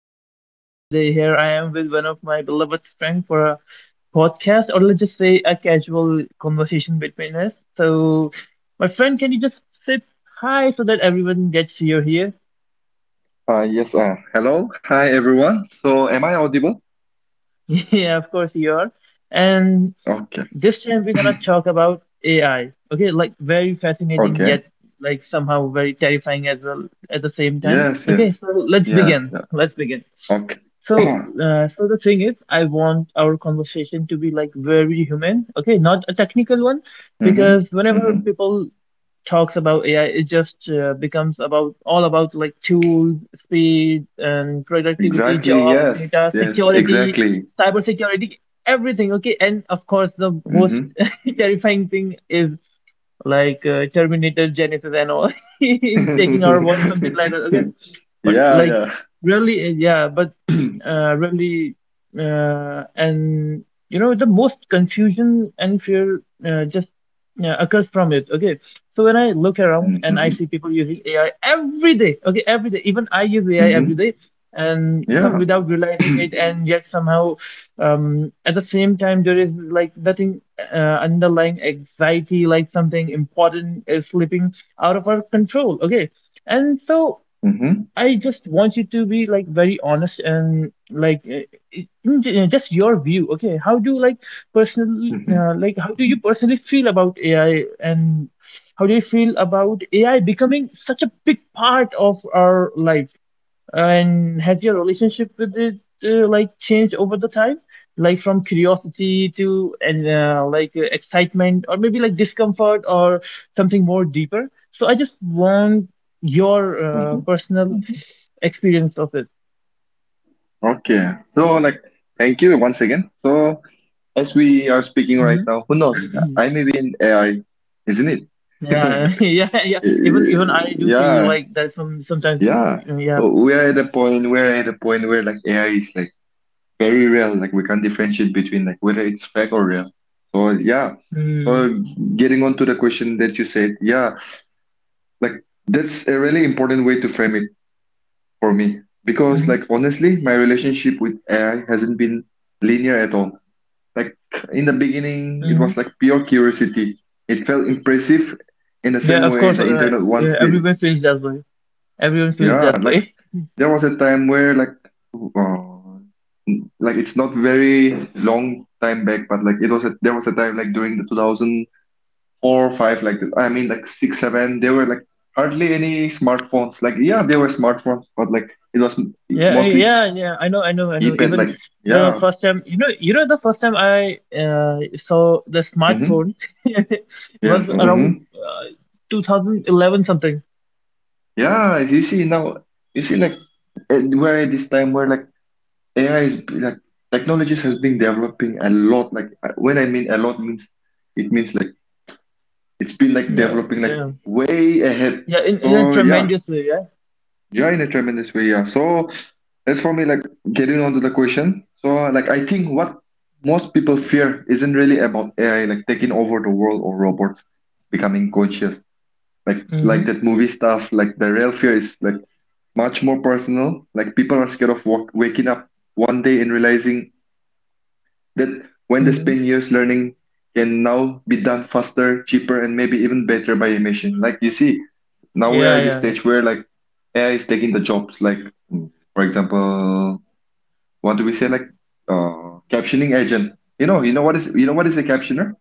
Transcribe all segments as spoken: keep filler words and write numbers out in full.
welcome, everyone. Today here I am with one of my beloved friend for a podcast, or let's just say a casual conversation between us. So, my friend, can you just say hi so that everyone gets you're here? Uh, yes, uh, Hello, hi everyone. So, am I audible? Yeah, of course you are. And Okay, this time we're gonna talk about A I. Okay, like very fascinating okay. yet like somehow very terrifying as well at the same time. Yes, Okay, yes, so let's yes, begin. yeah. Let's begin. Okay. So, uh, so the thing is, I want our conversation to be like very human, okay, not a technical one, Mm-hmm, because whenever mm-hmm. people talks about A I, it just uh, becomes about all about like tools, speed, and productivity, Exactly, job, yes, data, yes, security, exactly. cybersecurity, everything. Okay, and of course, the most Mm-hmm. terrifying thing is like uh, Terminator, Genesis, and all is taking our world, something like that. Okay, but Yeah, like yeah. really, uh, yeah, but uh, really, uh, and you know, the most confusion and fear uh, just uh, occurs from it. Okay, so when I look around and I Mm-hmm, see people using A I every day, okay, every day, even I use A I every mm-hmm. day, and some Yeah, without realizing it, and yet somehow, um, at the same time, there is like nothing uh, underlying anxiety, like something important is slipping out of our control, okay. And so mm-hmm. I just want you to be like very honest and like uh, in j- uh, just your view. Okay, how do you like personally mm-hmm. uh, like how do you personally feel about A I, and how do you feel about A I becoming such a big part of our life? And has your relationship with it uh, like changed over the time? Like from curiosity to and uh, like uh, excitement, or maybe like discomfort or something more deeper. So I just want your uh, hmm personal Mhm. experience of it. Okay. So, like, thank you once again. So, as we are speaking right hmm now, who knows? I may be in A I, isn't Yeah, it? yeah, yeah. Even even I do feel Yeah, like that some sometimes. uh, yeah. Yeah. Oh, we are at a point, we're at a point where like A I is like very real. Like we can't differentiate between like whether it's fake or real. So yeah, Mm, Uh, getting on to the question that you said, yeah, like that's a really important way to frame it for me because, like, hmm honestly, my relationship with A I hasn't been linear at all. Like, in the beginning, it was hmm like pure curiosity. It felt impressive in the Yeah, same of way course. the Uh, internet Yeah, once did. everyone feels that way. Everyone feels Yeah, that like way. there was a time where, like, uh, like it's not very long time back, but like it was a, there was a time like during the two thousand. four five like that. I mean like six, seven. There were like hardly any smartphones. Like yeah, there were smartphones, but like it was m- Yeah, I- mostly yeah, yeah. I know, I know, I know. keypad. Even Like the yeah, first time, you know, you know, the first time I uh, saw the mm-hmm, smartphone yes, was around mm-hmm, uh, two thousand eleven something. yeah. You see now, you see like eh, we're at this time where like A I is b- like technologies has been developing a lot. Like uh, when I mean a lot means it means like it's been like Yeah, developing like yeah, way ahead. yeah. In, in a So yeah, tremendous way, yeah. yeah, in a tremendous way. Yeah. So as for me, like getting onto the question, so like I think what most people fear isn't really about A I like taking over the world or robots becoming conscious. Like like Mm-hmm, that movie stuff, like the real fear is like much more personal. Like people are scared of wa- waking up one day and realizing that when they mm-hmm. spend years learning can now be done faster, cheaper, and maybe even better by a machine. Like you see, now we are Yeah, yeah, at this yeah, yeah. stage where like A I is taking the jobs. Like mm, for example, what do we say, like uh captioning agent, you know you know what is you know what is a captioner.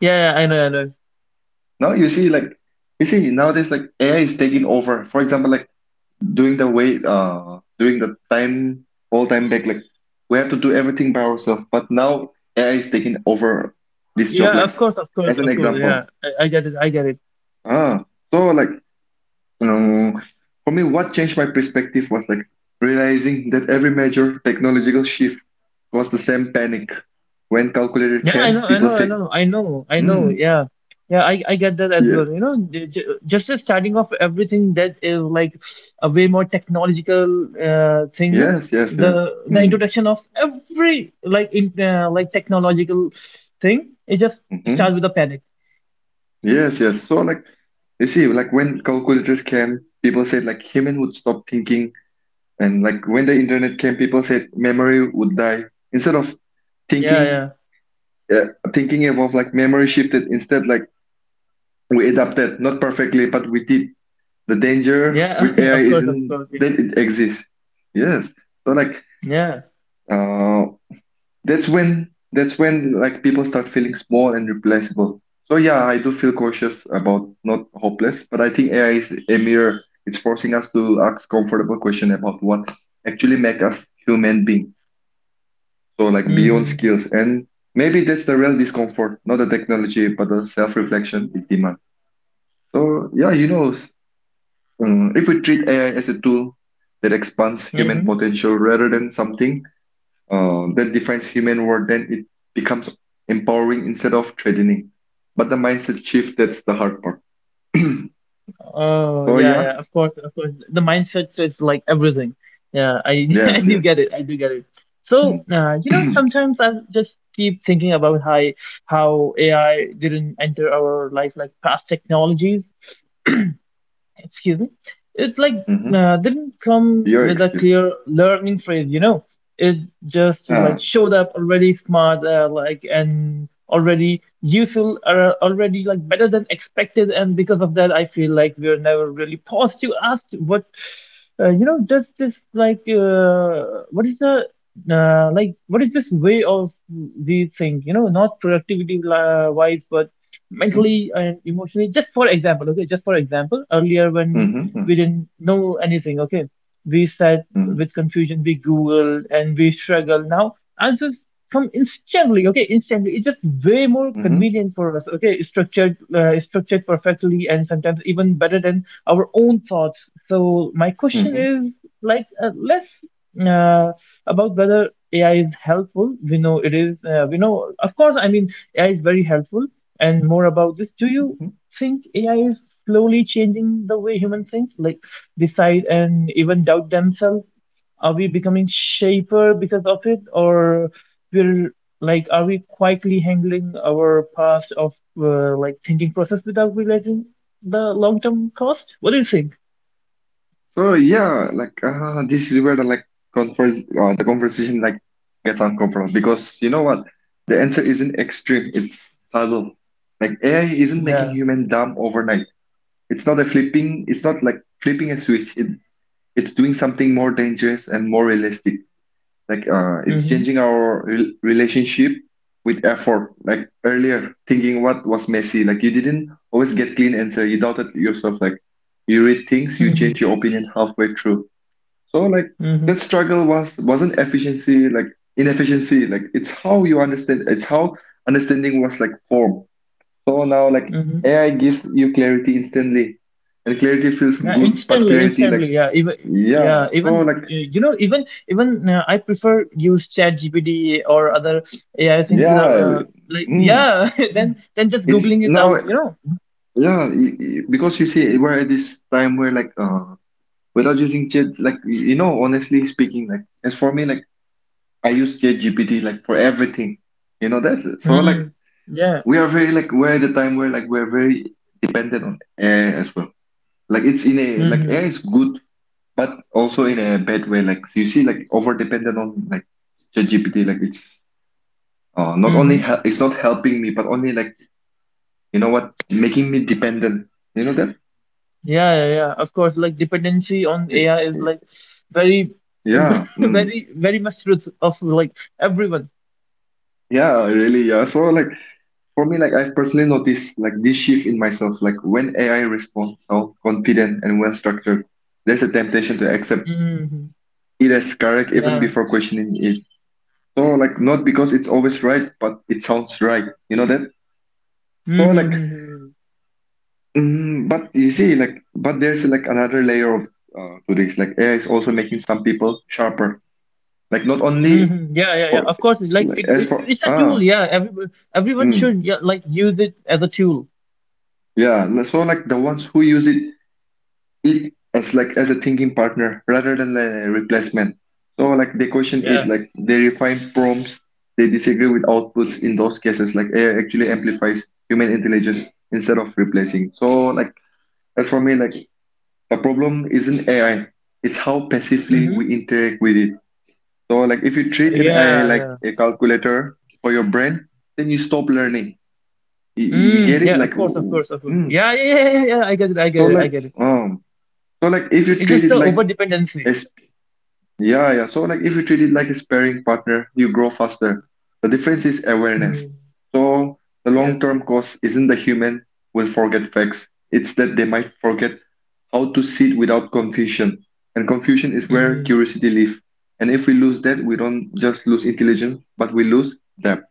Yeah, I know, I know. Now you see like, you see nowadays like A I is taking over, for example, like during the way uh during the time, old time back, like we have to do everything by ourselves, but now A I is taking over this job, Yeah, like of course, of course, as an of course. Yeah, example. I, I get it. I get it. Ah, so like, you know, for me, what changed my perspective was like realizing that every major technological shift was the same panic when calculator Yeah, I know, came, I people know, I said. know, I know, I know. Mm, Yeah, yeah, I, I get that as yeah, well. You know, j- j- just the starting off everything that is like a way more technological uh, thing. Na? yes, yes, yes. The the Mm, introduction of every like in uh, like technological thing, it just starts hmm. with a panic. Yes, yes. So like you see, like when calculators came, people said like human would stop thinking, and like when the internet came, people said memory would die. Instead of thinking, Yeah, uh, thinking evolved, like memory shifted. Instead, like we adapted, not perfectly, but we did. The danger yeah, with yeah. A I Of course, of isn't course. Yeah. that it exists. Yes. So like, Yeah. uh, that's when, that's when like people start feeling small and replaceable. So yeah, I do feel cautious about not hopeless, but I think A I is a mirror. It's forcing us to ask comfortable question about what actually make us human being. So like beyond Mm-hmm. skills, and maybe that's the real discomfort, not the technology, but the self-reflection it demands. So yeah, you know, s- um, if we treat A I as a tool that expands human Mm-hmm. potential rather than something uh, that defines human worth, then it becomes empowering instead of threatening. But the mindset shift, that's the hard part. So Oh yeah, yeah, yeah. Of course, of course. The mindset is like everything. Yeah, I I yes, do yes. get it. I do get it. So, Mm. uh, you know, sometimes I just keep thinking about how how A I didn't enter our life like past technologies. Excuse me, it like hmm. uh, didn't come Your with a excuse. clear learning phrase, you know. It just like Ah. showed up already smart, uh, like and already useful, uh, already like better than expected. And because of that, I feel like we're never really paused to ask what, uh, you know does this like uh, what is the uh, like what is this way of we think, you know, not productivity uh, wise but hmm mentally and emotionally. Just for example, okay, just for example, earlier when we hmm didn't know anything, okay, we sat with confusion, we Googled and we struggled. Now answers come instantly, okay, instantly. It's just way more hmm convenient for us, okay, structured, uh, structured perfectly and sometimes even better than our own thoughts. So my question hmm. is like uh, less uh, about whether A I is helpful. We know it is, uh, we know, of course, I mean, A I is very helpful, and more about this. Do you think A I is slowly changing the way humans think? Like, decide and even doubt themselves. Are we becoming shaper because of it, or we're like, are we quietly handling our past of uh, like thinking process without realizing the long term cost? What do you think? So yeah, like uh, this is where the like converse, uh, the conversation like gets uncomfortable because you know what? The answer isn't extreme; it's subtle. Like A I isn't making yeah human dumb overnight. It's not a flipping. It's not like flipping a switch. It, it's doing something more dangerous and more realistic. Like uh, it's mhm changing our rel relationship with effort. Like earlier, thinking what was messy. Like you didn't always get clean answer. You doubted yourself. Like you read things, you mhm change your opinion halfway through. So like that mhm struggle was wasn't efficiency. Like inefficiency. Like it's how you understand. It's how understanding was like formed. So now like mhm A I gives you clarity instantly, and clarity feels yeah, good, but instantly, clarity like instantly. Yeah, even, yeah. yeah, So even, like uh, you know, even even uh, I prefer use chat gpt or other AI things without yeah, uh, like, mm, yeah, then then just it's googling it now out, you know. yeah, y- y- because you see we're at this time where like uh without using chat like y- you know, honestly speaking, like as for me, like I use chat G P T like for everything, you know that. So like Hmm. Yeah. we are very like, we're at the time where like we're very dependent on A I as well. Like it's in a like A I Mm-hmm. is good, but also in a bad way. Like you see, like over dependent on like chat G P T, like it's uh, not only Mm-hmm. hel- it's not helping me, but only like, you know what, making me dependent. You know that? Yeah, yeah, yeah. Of course, like dependency on Y- A I is y- like very, Yeah, mm, very, very much truth of like everyone. yeah, really, yeah. So like for me, like I've personally noticed like this shift in myself. Like when A I responds how confident and well structured, there's a temptation to accept Mm-hmm. it as correct even Yeah. before questioning it. So like not because it's always right, but it sounds right. You know that? So Mm-hmm. like Mm-hmm. mm, but you see, like, but there's like another layer of uh, to this. Like, A I is also making some people sharper. Like, not only Mm-hmm. Yeah, yeah, yeah. for Of course, like like it, as it, for it's a tool. ah, Yeah, everyone, everyone mm, should, yeah, like use it as a tool. yeah. So like the ones who use it it as like as a thinking partner rather than a replacement. So like they question it, Yeah. like they refine prompts, they disagree with outputs. In those cases, like A I actually amplifies human intelligence instead of replacing. So like as for me, like the problem isn't A I, it's how passively we Mm-hmm. interact with it. So, like, if you treat an A I Yeah, like yeah. a calculator for your brain, then you stop learning. You, you get Mm, it? yeah, of Like, course, of course, of course. mm, Yeah, yeah, yeah, yeah. Yeah, I get it. I so get it. I like, get it. um, so like, if you It's treat just it the like over dependency. a yeah, yeah. So like if you treat it like a sparring partner, you grow faster. The difference is awareness. Mm. So the Yeah. long-term cost isn't the human will forget facts. It's that they might forget how to sit without confusion. And confusion is where Mm-hmm. curiosity lives. And if we lose that, we don't just lose intelligence, but we lose depth.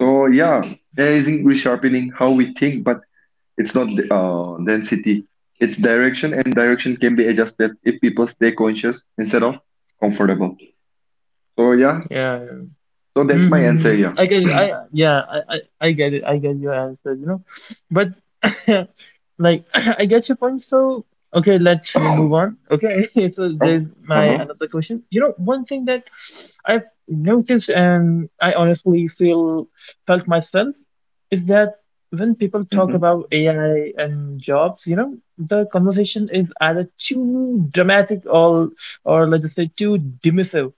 So yeah, A I isn't resharpening how we think, but it's not uh, density. It's direction, and direction can be adjusted if people stay conscious instead of comfortable. So yeah, Yeah, yeah. so that's Mm-hmm. my answer. Mm-hmm. Yeah. I get, I, yeah, I, I I get it. I get your answer, you know. But like, I get your point. So, okay, let's Oh. move on. Okay, so Uh there's my huh. another question. You know, one thing that I've noticed, and I honestly feel felt myself, is that when people talk Mhm. about A I and jobs, you know, the conversation is either too dramatic, or, or let's just say too dismissive.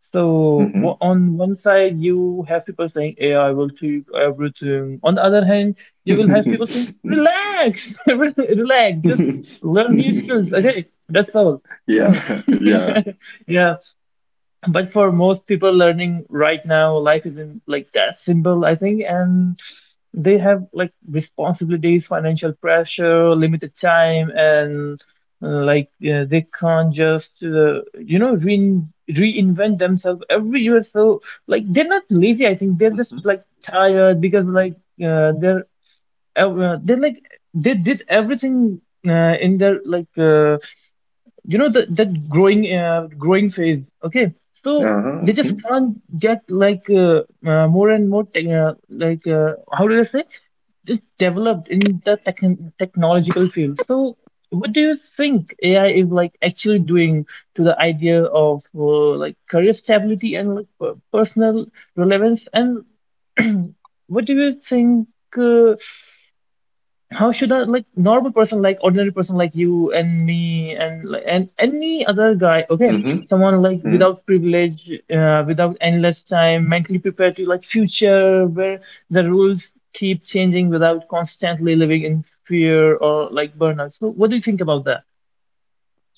So wha- Mhm. on one side, you have people saying A I will do everything. On the other hand, you will have people saying, relax, everything, relax, just learn new skills. Okay, that's all. Yeah. Yeah. Yeah, but for most people learning right now, life isn't like that simple, I think. And they have like responsibilities, financial pressure, limited time, and uh, like uh, they can't just uh, you know rein reinvent themselves every year. So like they're not lazy. I think they're just like tired, because like uh, they're ev- uh, they're like they did everything uh, in their like uh, you know the that growing uh, growing phase, okay. Uh So huh. they just Mhm. can't get like uh, uh, more and more tech uh, like uh, how do I say just developed in the tech technological field. So what do you think AI is like actually doing to the idea of uh, like career stability and like per- personal relevance? And what do you think, uh, how should I, like normal person, like ordinary person like you and me and li- and any other guy, okay, Mhm. someone like Mhm. without privilege, uh, without endless time, mentally prepared to like future where the rules keep changing without constantly living in fear or like burnout? So what do you think about that?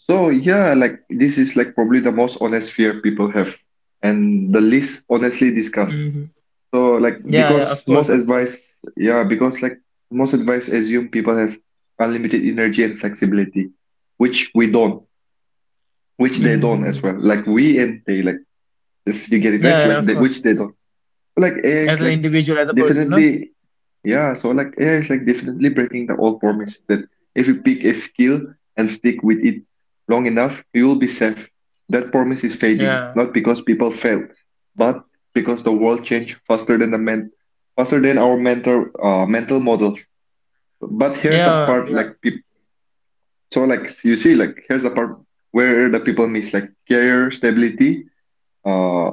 So yeah, like this is like probably the most honest fear people have, and the least honestly discussed. Hmm So like Yeah, yeah, because of most course, of course. advice, yeah, because like most advice assume people have unlimited energy and flexibility, which we don't, which they don't as well. hmm Like we and they like. This, you get it right? yeah, Like yeah, of they, course. which they don't. Like A I As is an like individual, as a person, no? definitely, yeah. So like A I is like definitely breaking the old promise that if you pick a skill and stick with it long enough, you will be safe. That promise is fading, Yeah, not because people failed, but because the world changed faster than the men, faster than our mental uh, mental model. But here's the yeah, part, like yeah. peop so like you see, like here's the part where the people miss, like career stability. uh,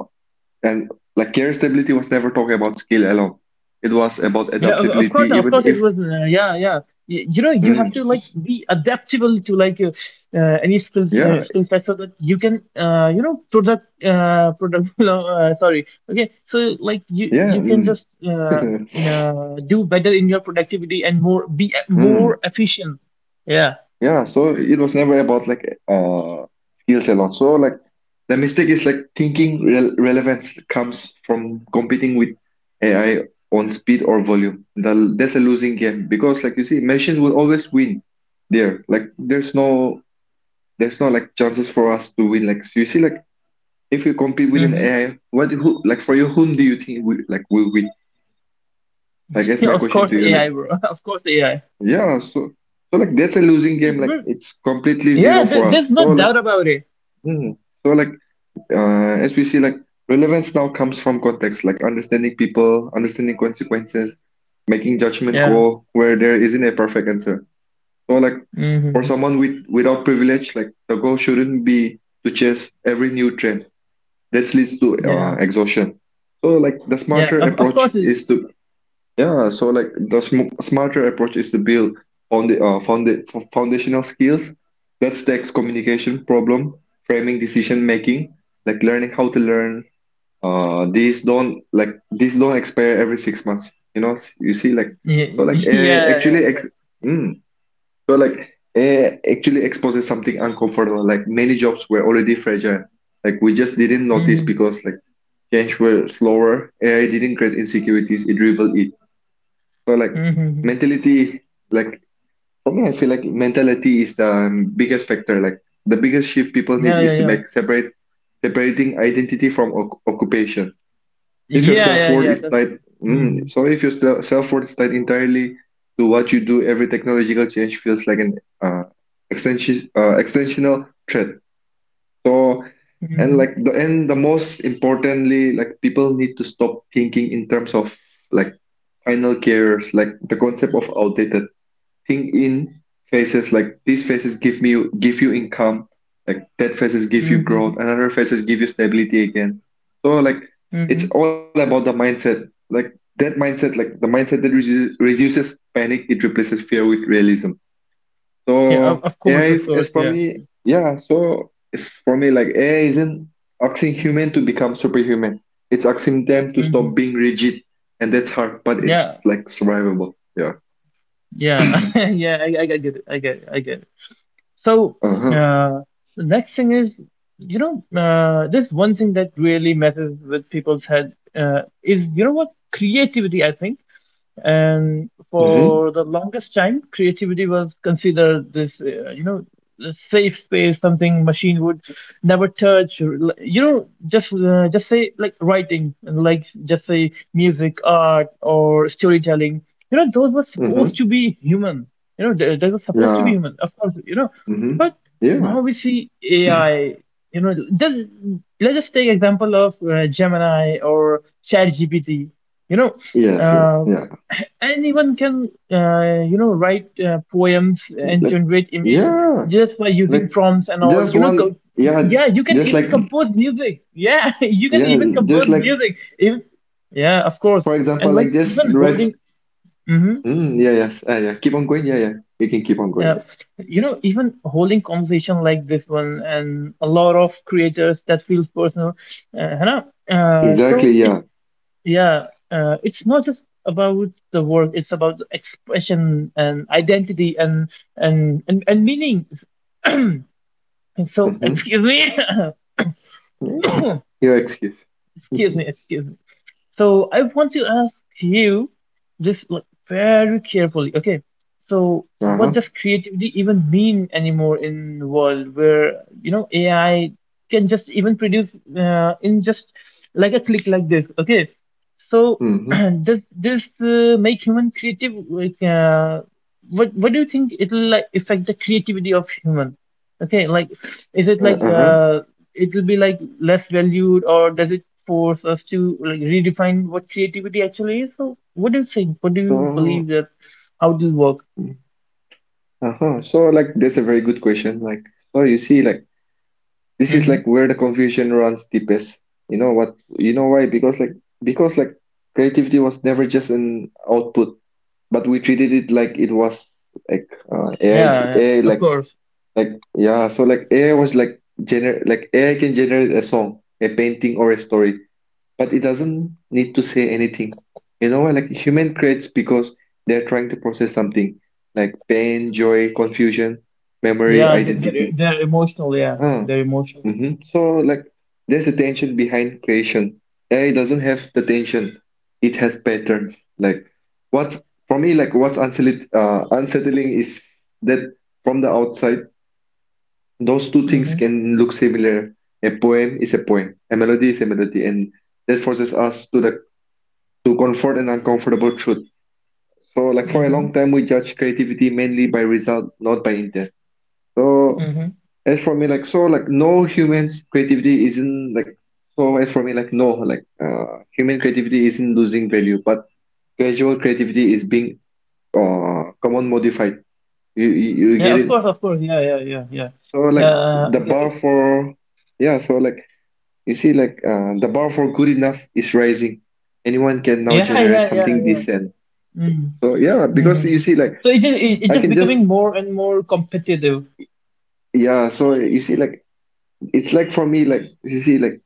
and like care stability was never talking about skill alone. It was about Yeah, of, of adaptability, course, of even course, it if was. Uh, yeah, yeah. You, you know, you have mm, to like be adaptable to like uh, uh, any skills uh, yeah, skill set, so that you can, uh, you know, product, uh, product. No, uh, sorry. Okay, so like you yeah, you can mm, just uh, uh, do better in your productivity and more be e- more mm, efficient. Yeah. yeah. So it was never about like uh skills alone. So like the mistake is like thinking rel relevance comes from competing with A I on speed or volume. The, that's a losing game because like you see, machines will always win there. Like there's no there's no like chances for us to win. Like you see like if you compete with an Mm-hmm. A I, what who like for you, whom do you think will like will win? Like that's Yeah, my of question course, to you. A I, Like bro. Of course, A I. yeah, so so like that's a losing game. Like But it's completely yeah, zero there, for there's us. no So like doubt about it. hmm. So like uh, as we see, like relevance now comes from context, like understanding people, understanding consequences, making judgment Yeah. call where there isn't a perfect answer. So like for Mm-hmm. someone with without privilege, like the goal shouldn't be to chase every new trend that leads to Yeah. uh, exhaustion. So like the Yeah. smarter Of, of approach course. is to yeah. So like the sm smarter approach is to build on the uh, founda f- foundational skills. That's text communication, problem framing, decision making, like learning how to learn. Uh, these don't like these don't expire every six months. You know, you see like Yeah, so like yeah, eh, yeah, actually yeah. ex mm, so like eh, actually exposes something uncomfortable. Like many jobs were already fragile. Like we just didn't notice Mm-hmm. because like change were slower. A I didn't create insecurities; it revealed it. So like Mm-hmm. Mm-hmm. mentality, like for me, I feel like mentality is the um, biggest factor. Like the biggest shift people need Yeah, yeah, is to yeah. make separate separating identity from oc occupation. If your Yeah, yeah, self-worth yeah. is That's tied, mm-hmm. mm, so if your se- self-worth is tied entirely to what you do, every technological change feels like an uh, extension, uh, extensional threat. So, and Mm-hmm. like the and the most importantly, like people need to stop thinking in terms of like final careers, like the concept of outdated. Think in phases, like these phases give me give you income, like that phases give you Mm-hmm. growth, another phases give you stability again. So like it's Mm-hmm. all about the mindset. Like that mindset, like the mindset that reduces, reduces panic, it replaces fear with realism. Yeah, of, So of A I course, of is, course, is for yeah. me, yeah. So it's for me like A I isn't asking human to become superhuman. It's asking them to Mm-hmm. stop being rigid, and that's hard, but it's Yeah, like survivable. Yeah. yeah, yeah, I, I I get it, I get it, I get it. So, Uh-huh. uh, the next thing is, you know, uh, this one thing that really messes with people's head, uh, is, you know what, creativity, I think. And Mm-hmm. for the longest time creativity was considered this uh, you know, the safe space, something machine would never touch. Or l- you know, just uh, just say like writing, and like just say music, art or storytelling, you know. Those were supposed Mm-hmm. to be human, you know. they, they were supposed to be Yeah. human, of course, you know. Mm-hmm. But Yeah. now we see AI, you know, just, let's just take example of uh, Gemini or ChatGPT. you know Yes, yes, Uh, yeah. Anyone can uh, you know write uh, poems and Like, generate image yeah. just by using Like prompts and all just you know one. co- Yeah. yeah, you can Just even like compose music. Yeah, you can yeah. even Just compose like music even, yeah, of course. for And example, like like just even right. holding, mm-hmm, Mm, yeah. Yes. Uh, yeah. Keep on going. Yeah. Yeah. You can keep on going. yeah, you know, even holding conversation like this one and a lot of creators that feels personal. Uh, you Yeah. uh, Exactly. so it's Yeah. Yeah, uh, it's not just about the work, it's about the expression and identity and and and, and meaning. So Mhm. excuse me, Nie? U X excuse me excuse me. So I want to ask you this like very carefully. Okay, so what does creativity even mean anymore in the world where you know A I can just even produce, uh, in just like a click like this? Okay, so does this uh, make human creative? Like, uh, what what do you think it'll like affect the creativity of human? Okay, like is it Uh, like uh-huh. uh it will be like less valued, or does it force us to like redefine what creativity actually is? So what do you think? What do you So, believe that how do you work? uh-huh. So, like, that's a very good question. Like, so you see, like, this is Mm-hmm. like where the confusion runs deepest. You know what? You know why? Because, like, because, like, creativity was never just an output, but we treated it like it was like uh, A I, Yeah, yeah, A I, of like, course. like, yeah. So, like, A I was like gener, like, A I can generate a song, a painting, or a story. But it doesn't need to say anything. You know, like human creates because they're trying to process something like pain, joy, confusion, memory, Yeah, th- they're, identity. they're emotional. Yeah, Ah, they're emotional. hmm So like there's a tension behind creation. A I doesn't have the tension. It has patterns. Like what's for me, like what's unsettling, uh, unsettling is that from the outside, those two things Mm-hmm. can look similar. A poem is a poem, a melody is a melody, and that forces us to the to comfort an uncomfortable truth. So, like for a Mm-hmm. long time, we judge creativity mainly by result, not by intent. So, Mm-hmm. as for me, like so, like no human's creativity isn't like so. As for me, like no, like uh, human creativity isn't losing value, but casual creativity is being uh common modified. You, you you Yeah, get of it? course, of course. Yeah, yeah, yeah, yeah. So Yeah, like uh, I the get bar it. for yeah, so like you see, like uh, the bar for good enough is rising. Anyone can now Yeah, generate yeah, yeah, something yeah. decent. Mm. So yeah, because you Mm-hmm. see, like So it is, it, it's I just can becoming just more and more competitive. yeah, so you see like it's like for me like you see like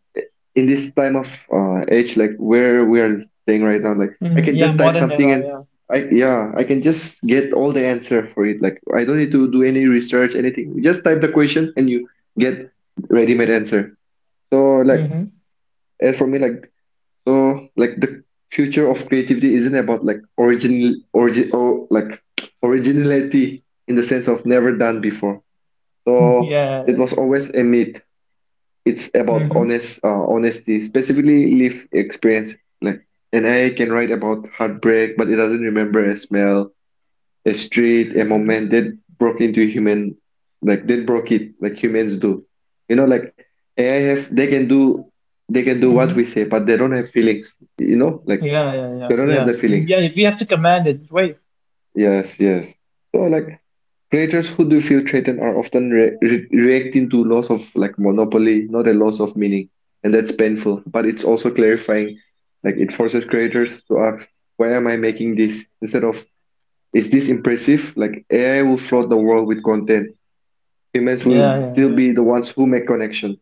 in this time of uh age, like where we are staying right now, like I Hmm. can Yeah, just type modern something, era. and Yeah. I yeah, I can just get all the answer for it. Like I don't need to do any research, anything. You just type the question and you get ready-made answer. So like Mm-hmm. as for me, like so like the future of creativity isn't about like original origin or like originality in the sense of never done before. So it Yeah. was always a myth. It's about Mm-hmm. honest uh, honesty, specifically life experience. Like an A I can write about heartbreak, but it doesn't remember a smell, a street, a Mhm. moment that broke into human, like that broke it, like humans do. You know, like A I have they can do they can do what we say, Mhm. but they don't have feelings. You know, like Yeah, yeah, they yeah, don't have the yeah. feelings. Yeah, if we have to command it, wait. Yes, yes. So like creators who do feel threatened are often re- re- reacting to loss of like monopoly, not a loss of meaning, and that's painful. But it's also clarifying, like it forces creators to ask, why am I making this? Instead of, is this impressive? Like A I will flood the world with content. Humans will Yeah, yeah, still yeah. be the ones who make connection.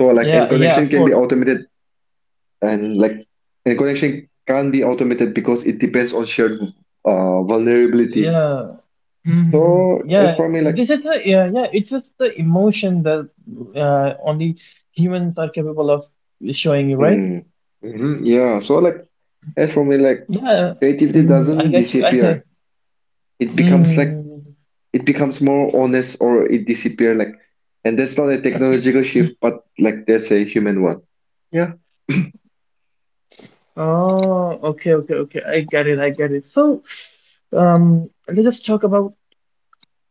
So like and Yeah, yeah, connection of can be course, of course. automated, and like and connection can't be automated because it depends on shared uh, vulnerability. Yeah. Hmm. So Yeah, as for me, like this is the yeah, yeah, it's just the emotion that uh, only humans are capable of showing you, right? Mm. hmm Yeah. So like as for me, like Yeah. creativity Mm, I doesn't get you. I, disappear. It becomes like mm. it becomes more honest, or it disappear, like and that's not a technological shift, but like that's a human one. Yeah. Oh, okay, okay, okay. I get it. I get it. So, um, let's just talk about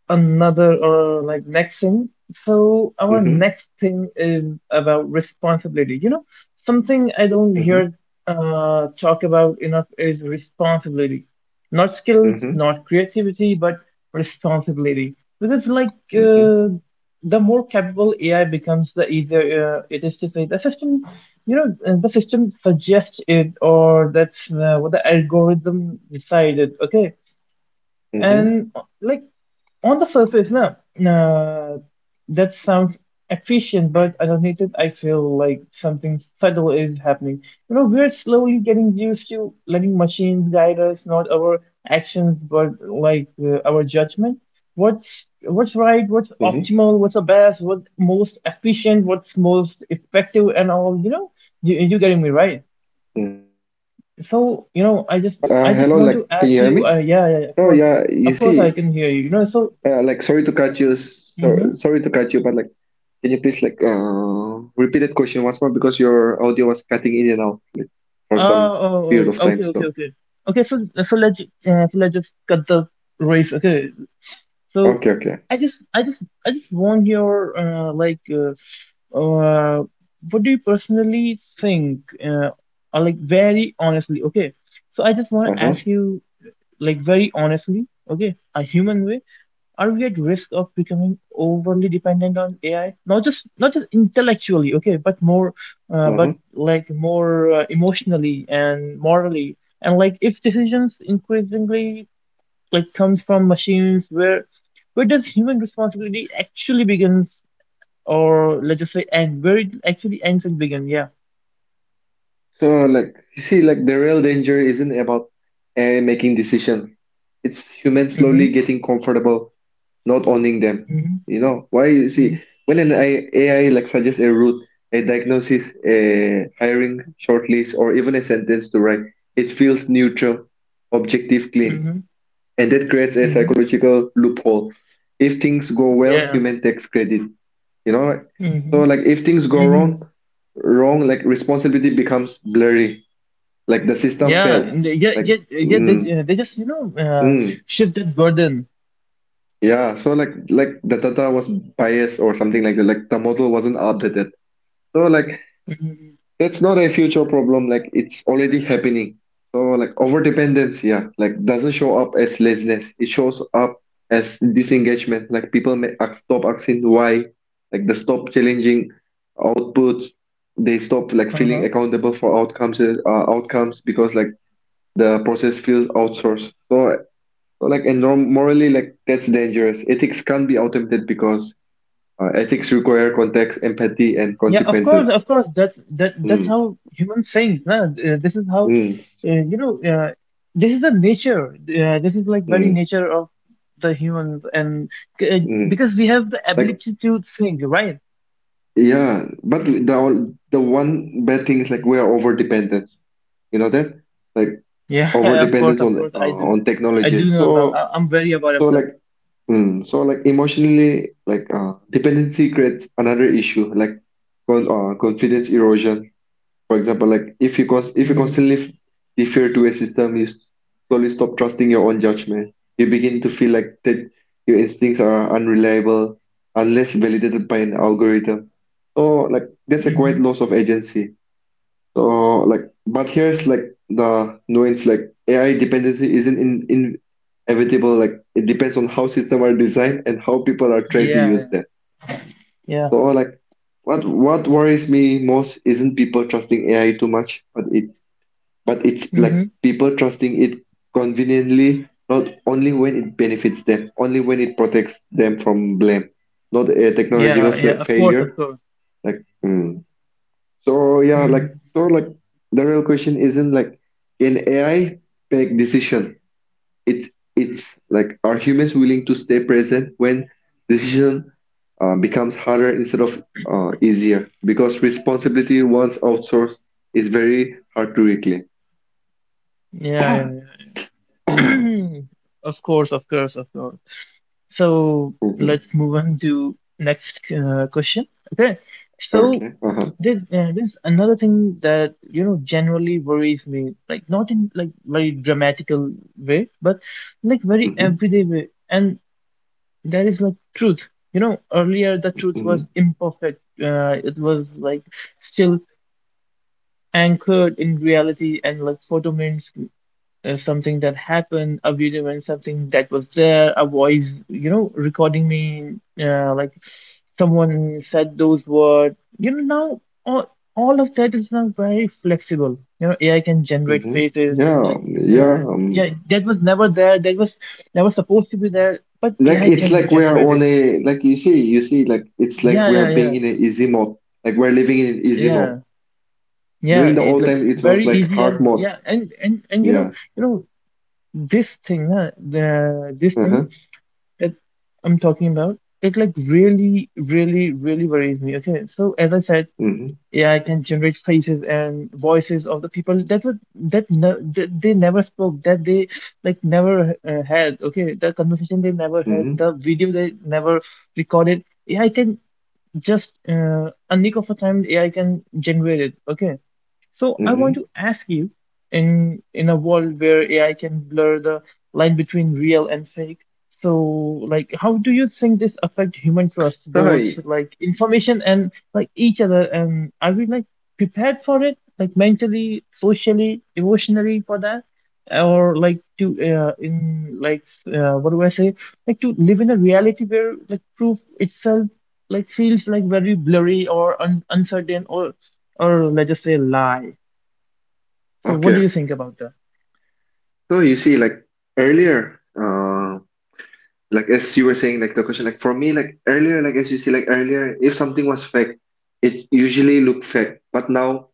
another uh, like next thing. So our Mm-hmm. next thing is about responsibility. You know, something I don't Mm-hmm. hear uh, talk about enough is responsibility. Not skills, Mm-hmm. not creativity, but responsibility. Because like Mm-hmm. uh, the more capable A I becomes, the easier uh, it is to say the system. You know, uh, the system suggests it, or that's uh, what the algorithm decided. Okay, Mm-hmm. and uh, like on the surface, no, no, that sounds efficient, but underneath it, I feel like something subtle is happening. You know, we're slowly getting used to letting machines guide us, not our actions, but like uh, our judgment. What's what's Mm-hmm. right, what's optimal, what's the best, what's most efficient, what's most effective, and all. You know, you you getting me right. Mm-hmm. Oh yes, uh hello, So, you like know, can I you just hear me? I just want to Oh ask you. yeah, Uh, you yeah, yeah, yeah, of see, course, of course, I can uh hear like you. You sorry know, to so. cut you so, sorry to cut you, but like Mhm. can you please like uh repeat that question once more because your audio was cutting in and out for some Oh, period of oh, time. oh, okay, So okay, okay. Okay, so so let's uh, so let's just cut the race. Okay, so okay, okay, I just I just I just want your uh, like uh, uh, what do you personally think? Uh, or like very honestly, okay. So I just want uh to huh, ask you like very honestly, okay, a human way. Are we at risk of becoming overly dependent on A I? Not just not just intellectually, okay, but more, uh, uh huh. but like more uh, emotionally and morally, and like if decisions increasingly like comes from machines where where does human responsibility actually begins, or let's just say end, where it actually ends and begin. Yeah. So like you see, like the real danger isn't about A I making decisions. It's humans Mm-hmm. slowly getting comfortable not owning them. Mm-hmm. You know why? You see, when an A I, A I like suggests a route, a diagnosis, a hiring shortlist, or even a sentence to write, it feels neutral, objective, clean, Mm-hmm. and that creates a Mm-hmm. psychological loophole. If things go well, Yeah. human takes credit. You know, like Mm-hmm. so like if things go Mm-hmm. wrong wrong, like responsibility becomes blurry, like the system Yeah failed, and they- yeah yeah like yeah they, mm, uh, they just you know uh, mm, shift that burden. yeah, so like like the data was biased or something like that, like the model wasn't updated, so like Mm-hmm. that's not a future problem, like it's already happening. So like over dependence, yeah, like doesn't show up as laziness. It shows up as disengagement. Like people may ask, stop asking why, like they stop challenging outputs. They stop like feeling Uh-huh. accountable for outcomes, uh, outcomes because like the process feels outsourced. So, so like and norm morally like that's dangerous. Ethics can't be automated because uh, ethics require context, empathy, and Yeah, of course, consequences. of course. That's that that's Mm, how humans think. Nah? Uh, this is how mm, uh, you know. Uh, this is the nature. Uh, this is like very mm, nature of the humans, and uh, mm. because we have the Like, ability to think, right? yeah, but the the one bad thing is like we're over dependent. You know that? Like Yeah, over of course, dependence of on course. uh, I do, on I technology. do know about. So I, I'm very aware of so like that. mm, so like emotionally like uh, dependency creates another issue like con uh, confidence erosion. For example, like if you cons if you Mm-hmm. constantly f- defer to a system, you slowly stop trusting your own judgment. You begin to feel like that your instincts are unreliable unless validated by an algorithm. So like that's a quite Mm-hmm. loss of agency. So like, but here's like the nuance. Like A I dependency isn't in, in inevitable. Like it depends on how systems are designed and how people are Yeah, trained to use yeah, them. yeah. So like, what what worries me most isn't people trusting A I too much, but it but it's like Mm-hmm. people trusting it conveniently, not only when it benefits them, only when it protects them from blame, not a technological Yeah, fla yeah. Of course, of failure. course. Like. mm, So yeah, like Mm-hmm. so like the real question isn't like can A I make decision? It's it's like are humans willing to stay present when decision uh, becomes harder instead of uh, easier? Because responsibility once outsourced is very hard to reclaim. Yeah, yeah, yeah. Of course, of course, of course. So Mhm. let's move on to next uh, question. Okay, so Okay. Uh-huh. there, uh, there's another thing that you know generally worries me, like not in like very dramatical way, but like very Hmm. everyday way, and that is like truth. You know, earlier the truth was Hmm. imperfect. Uh, it was like still anchored in reality, and like photo means uh, something that happened, a video and something that was there, a voice, you know, recording me, uh, like someone said those words. You know, now all, all of that is now very flexible. You know, A I can generate Hmm. faces, Yeah. like, um, Yeah. uh, um, yeah, that was never there, that was never supposed to be there, but Like A I it's can like we are generate on it. a like you see you see like it's like Yeah, we are yeah, yeah, being in an easy mode like we're living in an easy mode. yeah. Yeah, During the it old like time it was very like easy hard and mode. yeah, and and and you know, Yeah. you know this thing, uh, the this thing Uh-huh. that I'm talking about, it like really, really, really worries me. Okay, so as I said, Mm-hmm. yeah, I can generate faces and voices of the people that were that no, that they never spoke, that they like never uh, had. Okay, the conversation they never had, Mm-hmm. the video they never recorded. Yeah, I can just uh, a nick of a time. Yeah, I can generate it. Okay, so I want Mm-hmm. to ask you in in a world where A I can blur the line between real and fake. So, like, how do you think this affect human trust, both Sorry. like information and like each other? And are we like prepared for it, like mentally, socially, emotionally for that? Or like to uh, in like uh, what do I say? Like to live in a reality where like proof itself like feels like very blurry or un uncertain, or or let's just say lie. So what do Okay, you think about that? so you see like earlier uh like as you were saying, like the question, like for me, like earlier like as you see like earlier, if something was fake, it usually looked fake, but now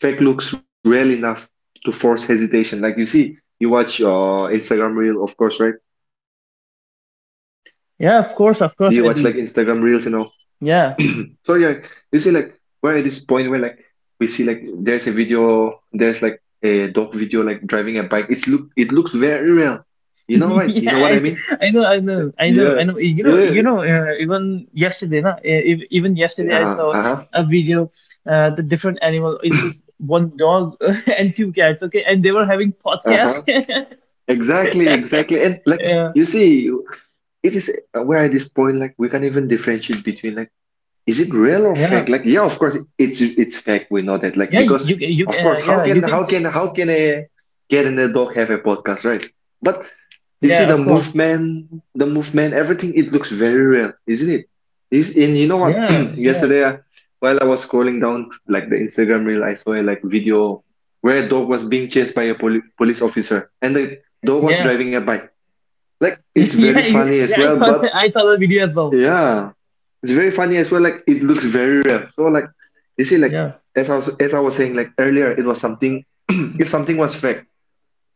fake looks real enough to force hesitation. Like you see, you watch uh Instagram reel, of course, right? Or like you don't, do you watch like Yeah, of Instagram course, of reels and course I all? do. So yeah, Yeah. you see like we're at this point where like we see like there's a video, there's like a dog video like driving a bike. It's look it looks very real. You know, right? Yeah, You know what I I, mean? I know, I know, I know, I Yeah. know. You know, Yeah. you know. Uh, even yesterday, na, e- e, even yesterday, I Uh-huh. saw Uh-huh. a video. Uh, the different animal. It was one dog and two cats. Okay, and they were having podcast. Uh-huh. Exactly, exactly. And like Yeah, you see, it is uh, we're at this point like we can't even differentiate between, like, is it real or yeah, fake? Like, yeah, of course it's it's fake. We know that. Like, yeah. You because can, you of can, uh, course, how yeah, you can can. how ch- can how can a cat and a dog have a podcast, right? But you see Yeah, the of course. movement, the movement, everything. It looks very real, isn't it? Is and you know what? Yeah, yeah, Yesterday, I- while I was scrolling down like the Instagram reel, I saw a like video where a dog was being chased by a poli police officer, and the dog was yeah, driving a bike. Like, it's yeah, very you- funny as yeah. I well, saw, but that- I saw the video as well. yeah. It's very funny as well. Like it looks very real. So like you see, like Yeah. as I was as I was saying like earlier, it was something. If something was fake,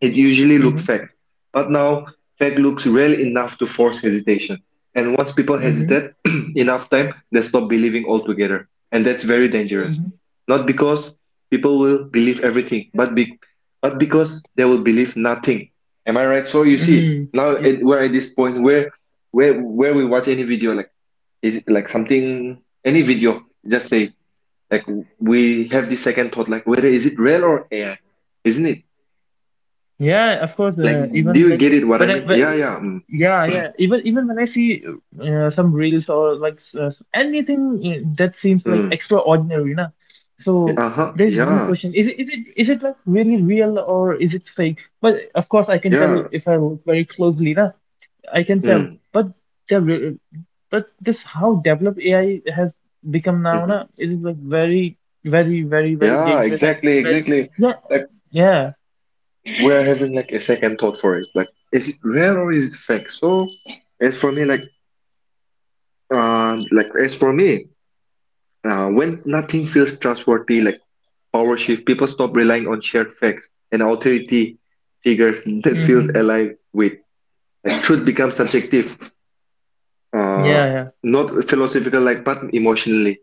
it usually looked Mm-hmm. fake. But now fake looks real enough to force hesitation. And once people Mm-hmm. hesitate enough time, they stop believing altogether. And that's very dangerous. Mm-hmm. Not because people will believe everything, but be, but because they will believe nothing. Am I right? So you see, now Mm-hmm. it, we're at this point where where where we watch any video like is it like something, any video, just say, like, we have the second thought, like, whether is it real or A I? Isn't it? Yeah, of course. Like, Uh, do even you like get it what I when I, mean? Yeah, but yeah. Mm, yeah, yeah. Even even when I see uh, some reels or like s- uh, anything uh, that seems like mm, extraordinary, na. yeah, So uh-huh. there's one Yeah, question: is it is it is it like really real or is it fake? But of course, I can tell yeah. if I look very closely, na. I can tell. Mm, But the re- but this how developed A I has become now, na. hmm It is like very very very very Yeah, dangerous and like exactly, very exactly. yeah Like, yeah. we're having like a second thought for it. Like, is it real or is it fake? So, as for me, like, uh, like as for me, uh, when nothing feels trustworthy, like power shift. People stop relying on shared facts and authority figures that feels Hmm. aligned with. Like truth becomes subjective, uh, Yeah, yeah. not philosophical, like but emotionally.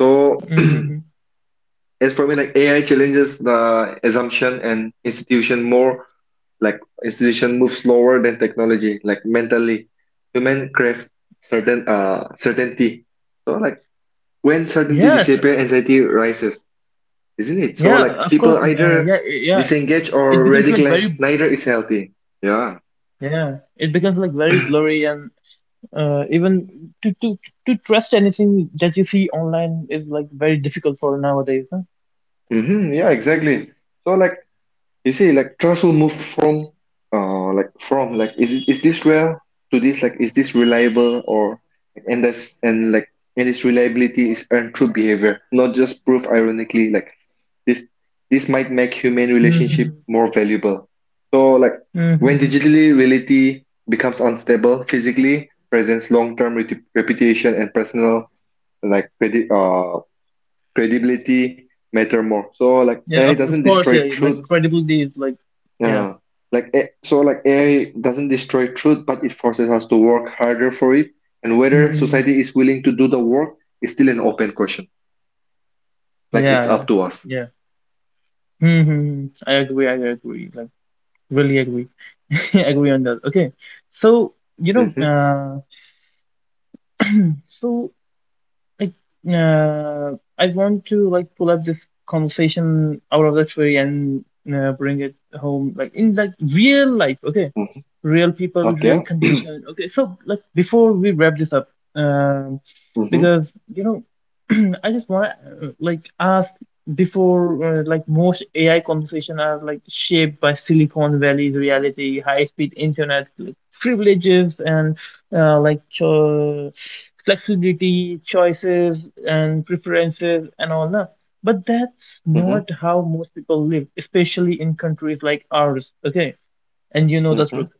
So Mm-hmm. as for me, like A I challenges the assumption and institution more. Like institution moves slower than technology. Like mentally, human crave certain uh certainty. So like when certainty Yes, disappears, anxiety rises. Isn't it? So yeah, like of people course. Uh, yeah, either i- yeah. disengage It or becomes like radicalize, very, neither is healthy. Yeah. yeah, it becomes like very blurry, and uh, even to to to trust anything that you see online is like very difficult for nowadays. Huh? Hmm. Yeah, exactly. So like you see, like trust will move from uh like from like is it- is this real to this like is this reliable or and that's and like and its reliability is earned through behavior, not just proof ironically, like this this might make human relationship Mm-hmm. more valuable. So like when Mm-hmm. digitally reality becomes unstable physically, presents long-term reti- reputation and personal like credi- uh, credibility matter more. So like Yeah, A I of of doesn't course. destroy Yeah, like truth. credibility is like, yeah. Uh, like eh, so like A I doesn't destroy truth, but it forces us to work harder for it. And whether society Mm-hmm. is willing to do the work is still an open question. Like it's Yeah, up to yeah, us. yeah. Mm-hmm. I agree. I agree. Like, really agree. Agree on that. Okay, so you Mm-hmm. know, uh, so Like, uh, I want to like pull up this conversation out of the tree and uh, bring it home, like in like real life. Okay, real people, Okay. real condition. Okay, so like before we wrap this up, um, Mm-hmm. because you know, I just want to like ask before uh, like most A I conversation are like shaped by Silicon Valley's reality, high-speed internet, like, privileges and uh, like cho flexibility, choices, and preferences, and all that. But that's Mm-hmm. not how most people live, especially in countries like ours. Okay, and you know the Mm-hmm. truth.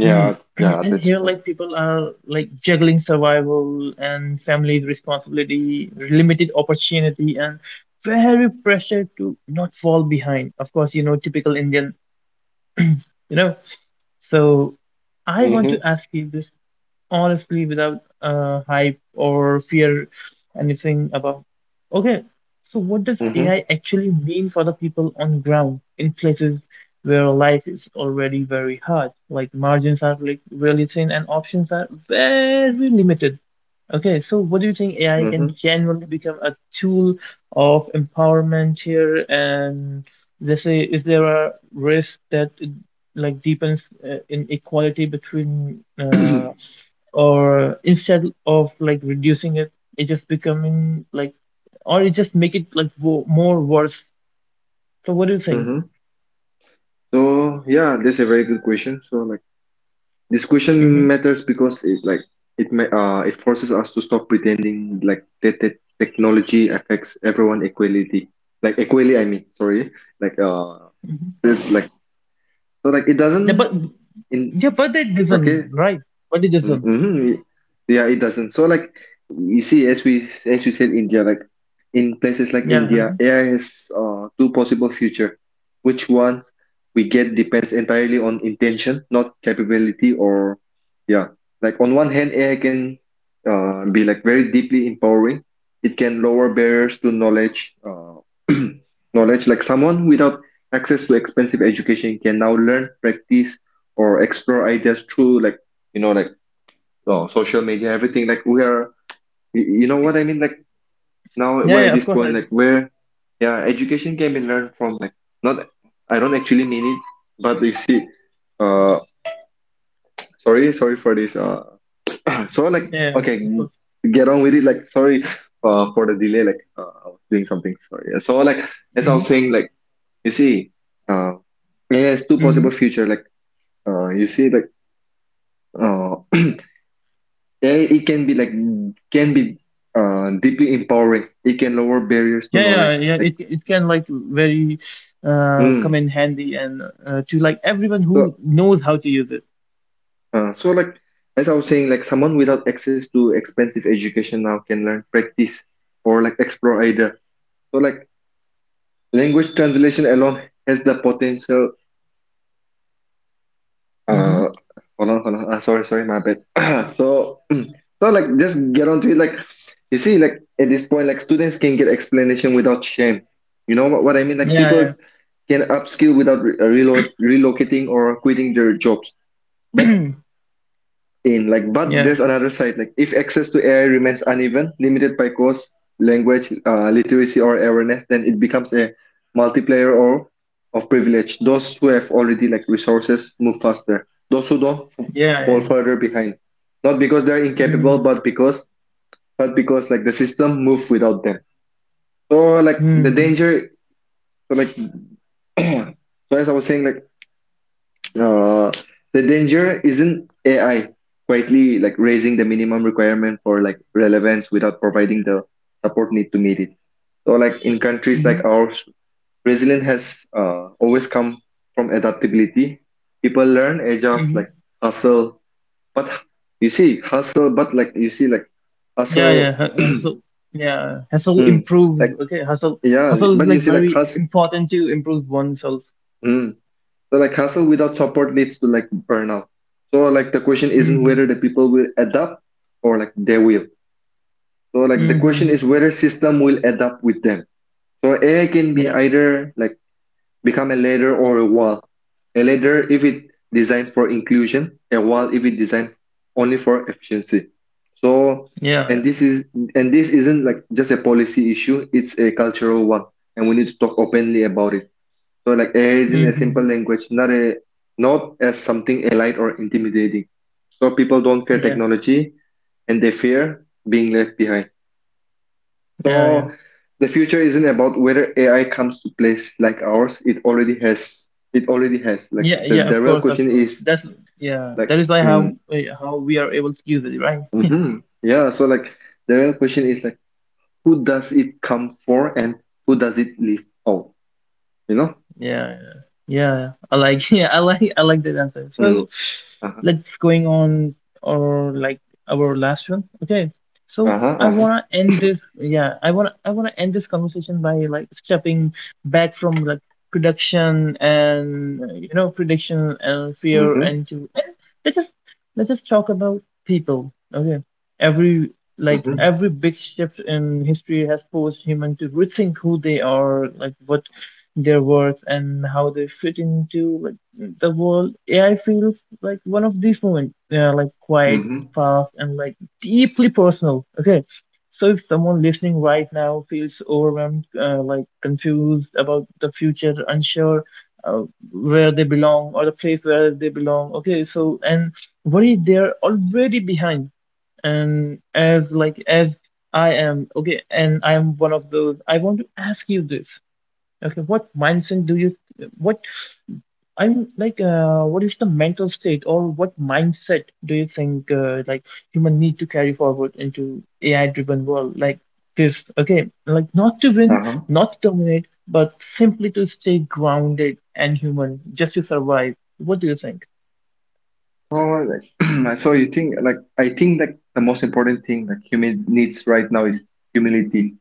Hmm. yeah, And that's here, true. like people are like juggling survival and family responsibility, limited opportunity, and very pressure to not fall behind. Of course, you know, typical Indian, you know. So I want to Mm-hmm, ask you this honestly without uh, hype or fear anything about. Okay, so what does mm-hmm, A I actually mean for the people on ground in places where life is already very hard, like margins are like really thin and options are very limited. Okay, so what do you think A I mm-hmm, can genuinely become a tool of empowerment here? And let's say, is there a risk that it like deepens uh, inequality between uh, mm-hmm. or instead of like reducing it, it just becoming like, or it just make it like wo more worse? So what do you think? So yeah, that's a very good question. So like this Mm-hmm. question matters because it like it may uh it forces us to stop pretending like that, that technology affects everyone equality Like equally, I mean, sorry. Like uh, Hmm. there's, like so like it Yeah, but doesn't in yeah but it doesn't okay. right, but it doesn't, Hmm. Yeah, it doesn't. So like you see, as we as you said, India, like in places like yeah. Uh-huh. India, A I has uh, two possible future. Which one we get depends entirely on intention, not capability, or yeah. Like on one hand, A I can uh, be like very deeply empowering. It can lower barriers to knowledge. Uh, knowledge, like someone without access to expensive education can now learn, practice, or explore ideas through like you know like oh, social media, everything. Like we are, you, you know what I mean? Like now yeah we're at yeah of this course point, I, like where, yeah, education can be learned from. Like not, I don't actually mean it, but you see, uh, sorry, sorry for this. Uh, so like, yeah yeah, of, okay, of mm, course. get on with it. Like, sorry, uh, for the delay. Like, uh, I was doing something. Sorry. Yeah, so like, as I Mm-hmm. was saying, like, you see, uh, yeah, it's two Mm-hmm. possible future. Like, uh, you see, like. uh. And it can be like can be uh, deeply empowering. It can lower barriers to Yeah, yeah knowledge. yeah Like it it can like very uh come mm. in handy and uh, to like everyone who so, knows how to use it. uh, so like as I was saying, like someone without access to expensive education now can learn, practice, or like explore either. So like language translation alone has the potential. Mm-hmm. Uh, Hold on, hold on. Ah, sorry, sorry, my bad. So so like just get on to it. Like you see, like at this point, like students can get explanation without shame. You know what, what I mean? Like people yeah can upskill without re- uh, relo- relocating or quitting their jobs. But yeah in like, but yeah there's another side. Like, if access to A I remains uneven, limited by cost, language, uh, literacy, or awareness, then it becomes a multiplayer or of privilege. Those who have already like resources move faster. Those who don't f- yeah fall yeah. further behind, not because they're incapable, Mm-hmm. but because but because like the system move without them. So like the Mm-hmm. danger, so, like so as I was saying, like Uh, the danger isn't A I quietly like raising the minimum requirement for like relevance without providing the support need to meet it. So like in countries Mm-hmm. like ours, resilience has uh, always come from adaptability. People learn, adjust, Hmm. like hustle, but you see hustle, but like you see like Yeah, yeah. hustle, hu- Hustle. Yeah, hustle mm, improves. like Okay, hustle. yeah, Hustle is but you like see like very hustle. important to improve oneself. So like hustle without support leads to like burnout. So like the question isn't Mm-hmm. whether the people will adapt or like they will. So like the question Mm-hmm. is whether system will adapt with them. So A I can be Yeah. either like become a ladder or a wall. A ladder if it designed for inclusion, a wall if it designed only for efficiency. So Yeah. and Yeah. this is and this isn't like just a policy issue, it's a cultural one. And we need to talk openly about it. So like A I is in a simple Mm-hmm. language, not a not as something elite or intimidating. So people don't fear Yeah. technology and they fear being left behind. Yeah. Yeah. So the future isn't about whether A I comes to place like ours. It already has. It already has. Like Yeah. the, Yeah. Of the real course. Of question course. is That's yeah. like That is why how mm, eh, how we are able to use it, right? mhm. Yeah. So like the real question is like who does it come for and who does it leave out? You know? Yeah, yeah, yeah. I like, yeah, I like, I like that answer. Mm. So Uh-huh. let's going on or like our last one. Okay. So Uh-huh. I Uh-huh. wanna end this. Yeah, I wanna, I wanna end this conversation by like stepping back from like production and uh, you know prediction and fear Mm-hmm. and to and let's just let's just talk about people. Okay. Every like Mm-hmm. every big shift in history has forced humans to rethink who they are, like what their worth and how they fit into like the world. A I feels like one of these moments, yeah, like quiet, Mm-hmm. fast, and like deeply personal. Okay, so if someone listening right now feels overwhelmed, uh, like confused about the future, unsure. Uh, where they belong or the place where they belong, okay, so, and worried they're already behind, and as like as I am, okay, and I am one of those. I want to ask you this. Okay, what mindset do you, what, I'm like? Uh, what is the mental state or what mindset do you think, uh, like, human need to carry forward into A I-driven world like this? Okay, like not to win, Uh-huh. not to dominate, but simply to stay grounded and human, just to survive. What do you think? All right. Like, so you think like I think like the most important thing like human needs right now is humility,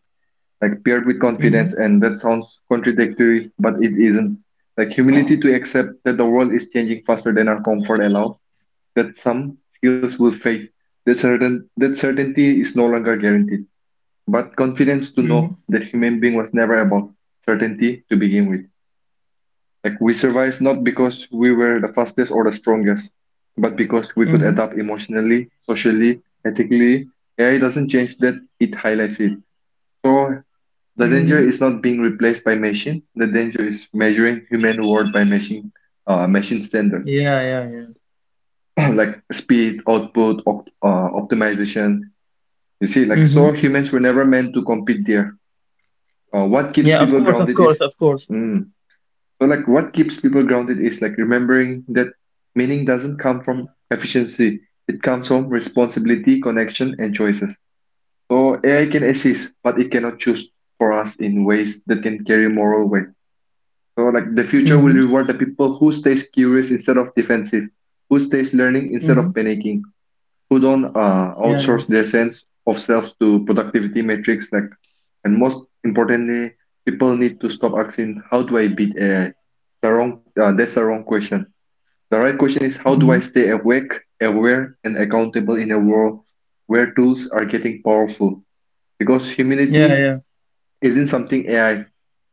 like paired with Mm-hmm. confidence, and that sounds contradictory, but it isn't. Like humility to accept that the world is changing faster than our comfort allows, that some skills will fade, that certain that certainty is no longer guaranteed, but confidence to Mm-hmm. know that human being was never about certainty to begin with. Like we survived not because we were the fastest or the strongest, but because we could Mm-hmm. adapt emotionally, socially, ethically. A I doesn't change that, it highlights it. So the danger Mm-hmm. is not being replaced by machine. The danger is measuring human worth by machine, uh, machine standard, Yeah, yeah, yeah. like speed, output, op- uh, optimization. You see, like Mm-hmm. so humans were never meant to compete there. Uh, what keeps Yeah, of people course, of grounded course, is of course. mm, so like what keeps people grounded is like remembering that meaning doesn't come from efficiency. It comes from responsibility, connection, and choices. So A I can assist, but it cannot choose for us in ways that can carry moral weight. So like the future will Mm-hmm. reward the people who stays curious instead of defensive, who stays learning instead of Mm-hmm. panicking, who don't uh, Yeah, yeah. outsource their sense of self to productivity metrics like and most importantly people need to stop asking how do I beat AI. The wrong uh, that's the wrong question. The right question is how do I Mm-hmm. stay awake, aware and accountable in a world where tools are getting powerful, because Yeah, humility yeah. isn't something ai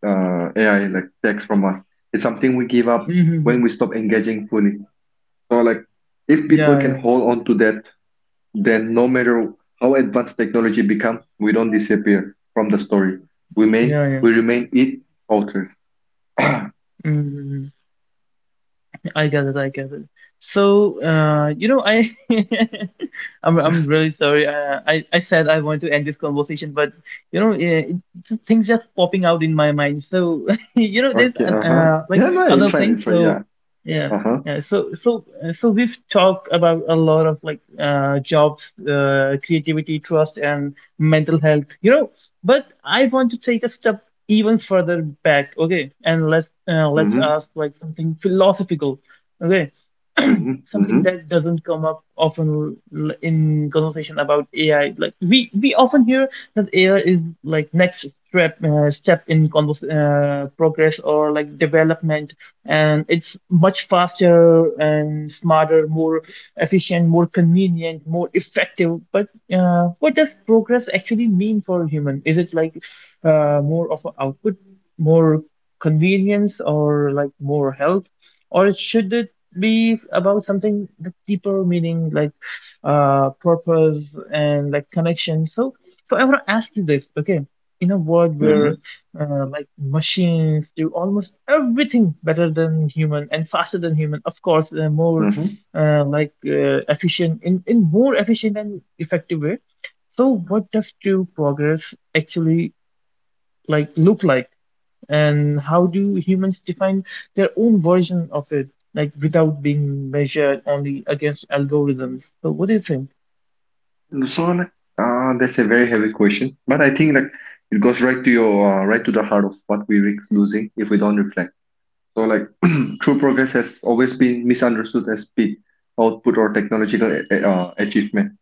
uh, AI like takes from us, it's something we give up Mm-hmm. when Mm-hmm. we stop engaging fully. So like if people Yeah, can yeah. hold on to that, then no matter how advanced technology becomes, we don't disappear from the story. We remain, Yeah, yeah. we remain it authors. Mm-hmm. Mm-hmm. I get it, I get it. So, uh, you know, I, I'm, I'm really sorry. Uh, I, I said I want to end this conversation, but you know, eh, it, things just popping out in my mind. So, you know, there's Okay, an, uh-huh. uh, like Yeah, no, it's other fine, it's things. fine, So, yeah. yeah, Uh-huh. yeah. So, so, uh, so we've talked about a lot of like uh, jobs, uh, creativity, trust, and mental health. You know, but I want to take a step even further back, okay, and let's, uh, let's Mm-hmm. ask like something philosophical. Okay, Mm-hmm. something Mm-hmm. that doesn't come up often, l- in conversation about A I. Like we we often hear that A I is like next step uh, step in convers uh, progress or like development, and it's much faster and smarter, more efficient, more convenient, more effective. But, uh, what does progress actually mean for a human? Is it like, uh, more of an output, more convenience, or like more health, or should it be about something that deeper meaning, like, uh, purpose and like connection? So, so I want to ask you this, okay? In a world where Mm-hmm. uh, like machines do almost everything better than human and faster than human, of course, uh, more, Mm-hmm. uh, like, uh, efficient, in, in more efficient and effective way. So what does true progress actually like look like, and how do humans define their own version of it, like without being measured only against algorithms? So what do you think? So like uh that's a very heavy question. But I think like it goes right to your uh, right to the heart of what we risk losing if we don't reflect. So like true progress has always been misunderstood as speed, output or technological uh, achievement.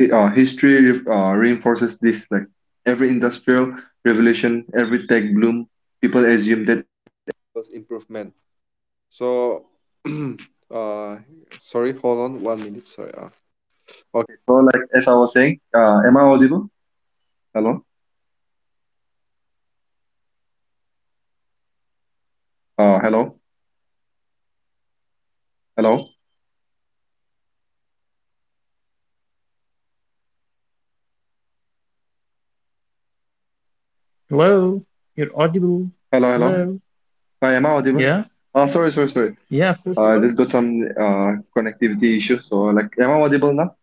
hi- uh, History re- uh, reinforces this. Like every industrial revolution, every tech bloom, people assume that Uh, hello, hello, Hello, you're audible. hello, hello. Hello. I am I Yeah, audible? Uh, sorry, sorry, yeah, sorry. of course you are. I just got some uh connectivity issue. So like, am I audible now?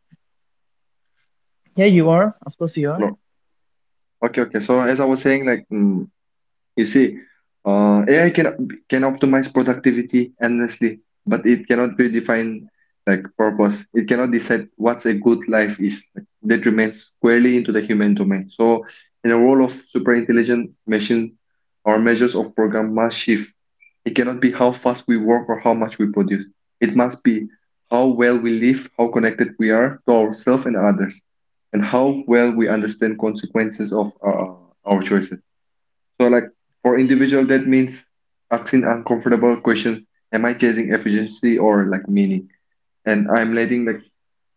Yeah, you are. Of course, you are. Hello. Okay, okay. So as I was saying, like, mm, see, uh, A I can can optimize productivity endlessly, but it cannot redefine like purpose. It cannot decide what's a good life is. Like, that remains squarely into the human domain. So, in the role of super intelligent machines, our measures of program must shift. It cannot be how fast we work or how much we produce. It must be how well we live, how connected we are to ourselves and others, and how well we understand consequences of our, our choices. So, like for individual, that means asking uncomfortable questions: Am I chasing efficiency or like meaning? And I'm letting like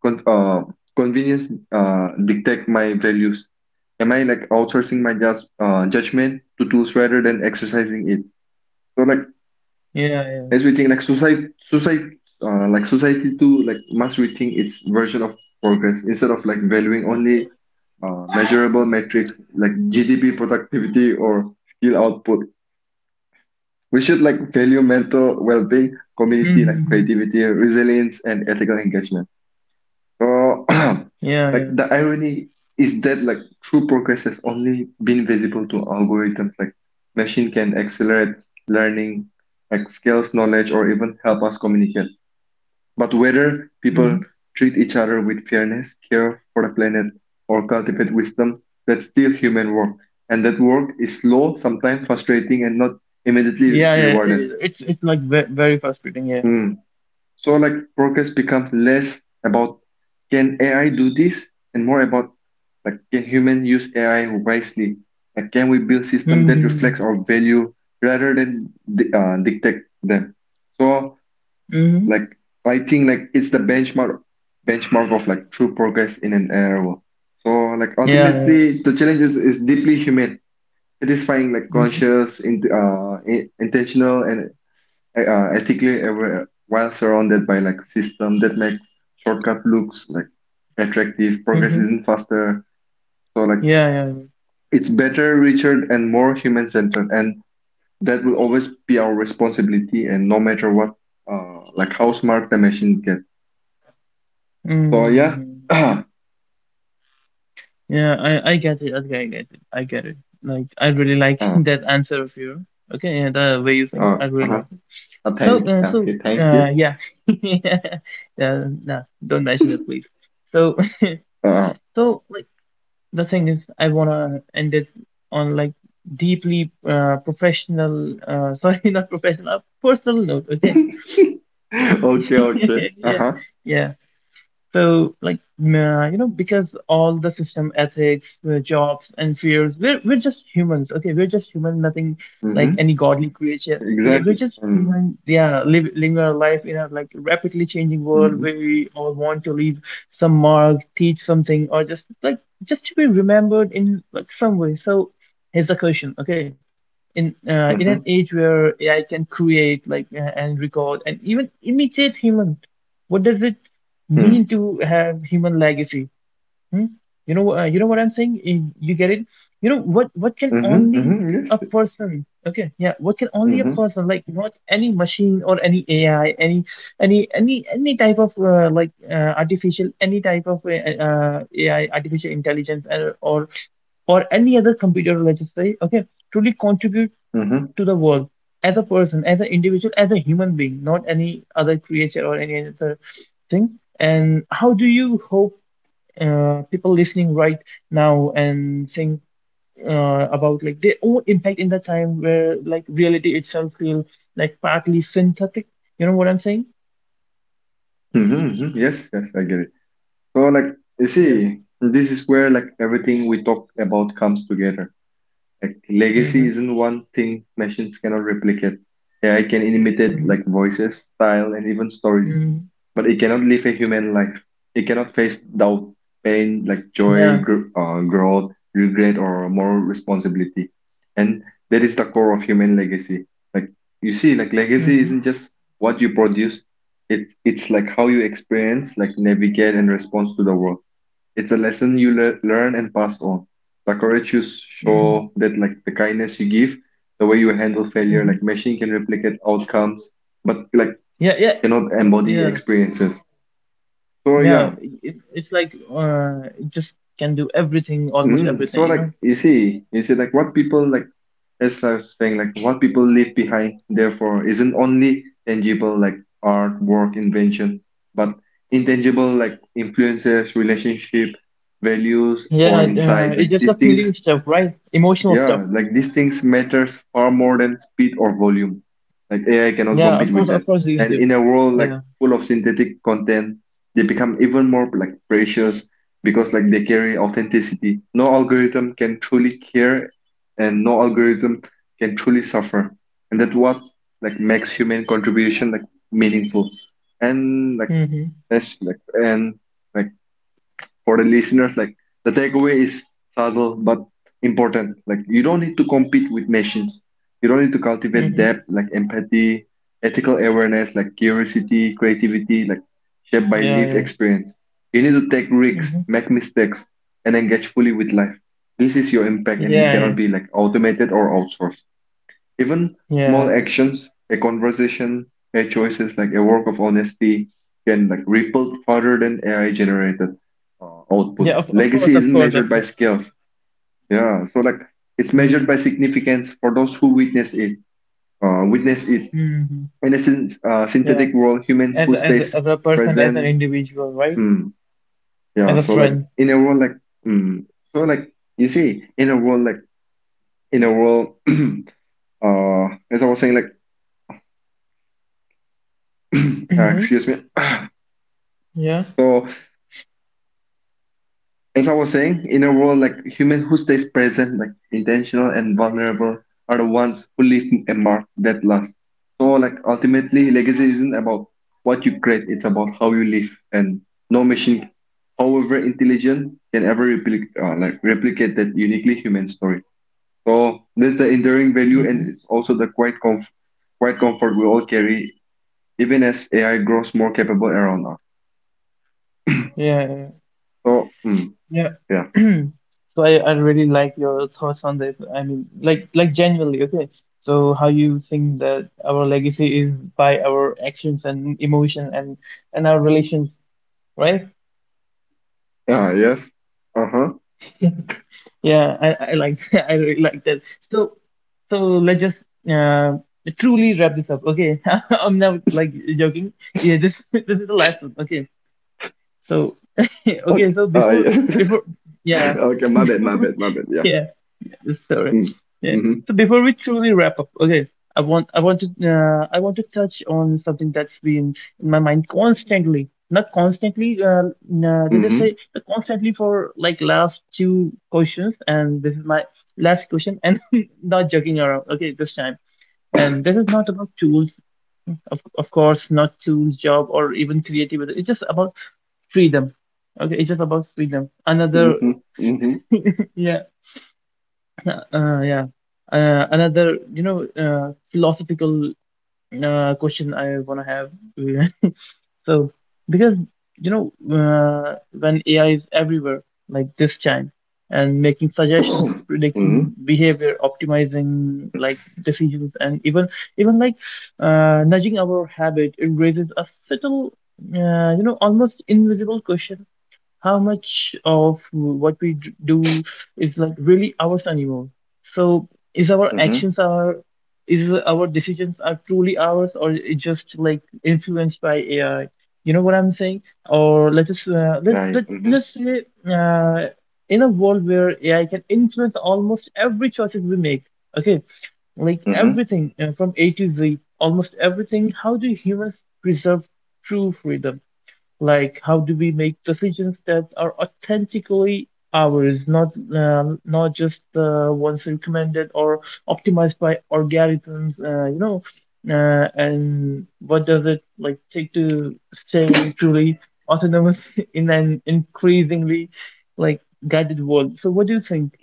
con- uh, convenience uh, dictate my values. Am I like outsourcing my just uh, judgment to tools rather than exercising it? So like Yeah, yeah. Let's rethink like society, society, uh, like society too, like must rethink its version of progress instead of like valuing only uh, measurable metrics like G D P, productivity, or skill output. We should like value mental well-being, Mm-hmm. community, like creativity, resilience, and ethical engagement. So, Yeah, yeah. like the irony is that like true progress has only been visible to algorithms. Like machine can accelerate learning, like skills, knowledge, or even help us communicate. But whether people Mm-hmm. treat each other with fairness, care for the planet, or cultivate wisdom, that's still human work. And that work is slow, sometimes frustrating, and not immediately Yeah, yeah. rewarded. It, it's it's like very, very frustrating. Yeah. Hmm. So, like, progress becomes less about can A I do this and more about like can human use A I wisely? Like, can we build system that reflects Mm-hmm. our value rather than di- uh, dictate them? So Mm-hmm. like I think like it's the benchmark benchmark of like true progress in an era. So like Yeah, ultimately yeah. the challenge is, is deeply human, satisfying like Mm-hmm. conscious, in, uh, in, intentional and uh, ethically aware while surrounded by like system that makes shortcut looks like attractive. Progress Mm-hmm. isn't faster, so like Yeah, yeah. it's better, richer, and more human-centered, and that will always be our responsibility. And no matter what, uh, like how smart the machine gets. So yeah. Mm-hmm. Yeah, I I get it. Okay, I get it. I get it. Like I really like Uh, that answer of yours. Okay, yeah, the way you think, uh, I really uh-huh. like it. Uh, So, thank uh, so, Okay, thank you. uh, yeah, yeah, yeah. Nah, don't mention it, please. So, Uh, so, like, the thing is I want to end it on like deeply, uh, professional, uh, sorry, not professional, a personal note, okay. okay, okay. Yeah, Uh-huh. yeah. So, like, nah, you know, because all the system ethics, uh, jobs, and fears, we're, we're just humans, okay? We're just human, nothing like Mm-hmm. any godly creature. We're, we're Exactly. just Mm, human, yeah, live, living our life in a like rapidly changing world mm-hmm. where we all want to leave some mark, teach something, or just like just to be remembered in like some way. So, here's the question, okay? In uh, in an Mm-hmm. age where A I can create like uh, and record and even imitate human. What does it mean Mm, to have human legacy? Hmm? You know, uh, you know what I'm saying? You you get it? You know what? What can mm-hmm. only Mm-hmm. Yes. a person? Okay, yeah. What can only a Mm-hmm. person like? Not any machine or any A I, any any any any type of, uh, like uh, artificial, any type of, uh, uh, A I, artificial intelligence, uh, or or any other computer, let's just say, okay, truly contribute Mm-hmm. to the world as a person, as an individual, as a human being, not any other creature or any other thing. And how do you hope, uh, people listening right now and think, uh, about like their own impact in the time where like reality itself feels like partly synthetic? You know what I'm saying? Mm-hmm. Mm-hmm. Yes, yes, I get it. So like you Yeah. see, this is where like everything we talk about comes together. Like Mm-hmm. legacy isn't one thing machines cannot replicate. A I can imitate Mm-hmm. like voices, style, and even stories Mm-hmm. but it cannot live a human life. It cannot face doubt, pain, like joy, Yeah. gr uh, growth, regret, or moral responsibility. And that is the core of human legacy. Like you see, like legacy Mm-hmm. isn't just what you produce. It, it's like how you experience, like navigate and respond to the world. It's a lesson you le learn and pass on. The courage you Mm-hmm. show, that like the kindness you give, the way you handle failure, like Mm-hmm. machine can replicate outcomes, but like Yeah. Yeah. cannot embody Yeah. experiences. So Yeah. yeah, It, it's like, uh, it just can do everything, almost mm, everything, so you know? like you see, you see like what people like as I was saying, like what people leave behind, therefore, isn't only tangible like art, work, invention, but intangible like influences, relationship, values, Yeah, or uh, insight. Like it's just a these feeling things stuff, right? Emotional stuff. Yeah, like these things matters far more than speed or volume. Like A I cannot Yeah, of compete course, with that. of course, these And do. in a world like Yeah. full of synthetic content, they become even more like precious because like they carry authenticity. No algorithm can truly care and no algorithm can truly suffer. And that's what like makes human contribution like meaningful. And like Mm-hmm. that's like and like for the listeners, like the takeaway is subtle but important. Like you don't need to compete with machines. You don't need to cultivate depth, Mm-hmm. like empathy, ethical awareness, like curiosity, creativity, like shaped by Yeah, life yeah. experience. You need to take risks, Mm-hmm. make mistakes, and engage fully with life. This is your impact, and it Yeah, yeah. cannot be like automated or outsourced. Even small Yeah. actions, a conversation, a choices like a work of honesty can like ripple further than A I generated uh, output. Yeah, of, of course, Legacy of isn't course, of measured by course. skills. Yeah, so like it's Mm. measured by significance for those who witness it. Uh, witness it Mm-hmm. in a syn- uh, Yeah. synthetic world, human As who a, as a, stays as a person, as an present. individual, right? Mm, As yeah, a so like friend. in a world like mm, so like you see in a world like in a world uh as I was saying like uh, Mm-hmm. excuse me. Yeah. As I was saying, in a world like human who stays present, like intentional and vulnerable, are the ones who leave a mark that lasts. So like ultimately, legacy isn't about what you create; it's about how you live. And no machine, however intelligent, can ever replicate uh, like replicate that uniquely human story. So this is the enduring value, and Mm-hmm. it's also the quiet comf- quiet comfort we all carry, even as A I grows more capable around us. Yeah. So mm, Yeah. yeah, So I, I really like your thoughts on this. I mean, like like genuinely, okay. So how you think that our legacy is by our actions and emotion and and our relations, right? yeah, yes, uh huh. Yeah, I, I like I really like that. So so let's just uh truly wrap this up. Okay. I'm now like joking. Yeah, this this is the last one. Okay. So okay, Okay. so Uh, before yes. before yeah. Okay. My bad. My Before, bad. My bad. Yeah. yeah. Sorry. Mm. Yeah. Mm-hmm. So before we truly wrap up, okay, I want I want to uh, I want to touch on something that's been in my mind constantly, not constantly. Uh, no, they just say Mm-hmm. but constantly for like last two questions, and this is my last question, and not joking around. Okay, this time, and this is not about tools, of of course, not tools, job, or even creativity. It's just about freedom. Okay, it's just about freedom. Another Mm-hmm. Mm-hmm. yeah. Uh, uh, yeah. Uh, another, you know, uh, philosophical, uh, question I want to have. So, because, you know, uh, when A I is everywhere, like this time, and making suggestions, Mm-hmm. predicting behavior, optimizing like decisions, and even even like, uh, nudging our habit, it raises a subtle, uh, you know, almost invisible question: how much of what we d- do is like really ours anymore? So is our Mm-hmm. actions are, is our decisions are truly ours, or it just like influenced by AI? You know what I'm saying? Or let us, uh, let, let, Nice. let Mm-hmm. us say, uh, in a world where AI can influence almost every choices we make, okay, like Mm-hmm. everything, uh, from a to z, almost everything, how do humans preserve true freedom? Like, how do we make decisions that are authentically ours, not um, not just, uh, ones recommended or optimized by algorithms, uh, you know? Uh, and what does it like take to stay truly autonomous in an increasingly like guided world? So, what do you think?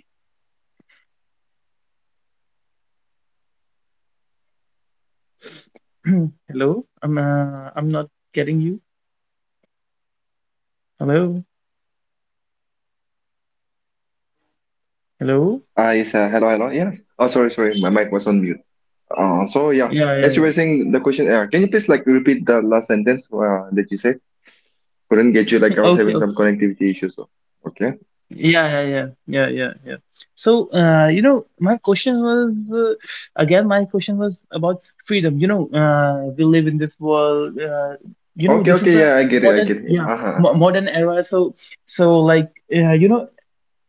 Hello, I'm uh, I'm not getting you. Hello, hello. Ah, yes. Uh, hello. Hello. Yes. Oh, sorry. Sorry. My mic was on mute. Uh, so yeah. Yeah, yeah, As you yeah. were saying the question, uh, can you please like repeat the last sentence uh, that you said? Couldn't get you. Like I was Okay, having some okay. connectivity issues. So. Okay. Yeah, yeah, yeah, yeah, yeah, yeah. So, uh, you know, my question was, uh, again, my question was about freedom. You know, uh, we live in this world. Uh, you know, Okay. this is Okay. a Yeah. I get it. I modern, get it. yeah, Uh-huh. mo modern era. So, so like, uh, you know.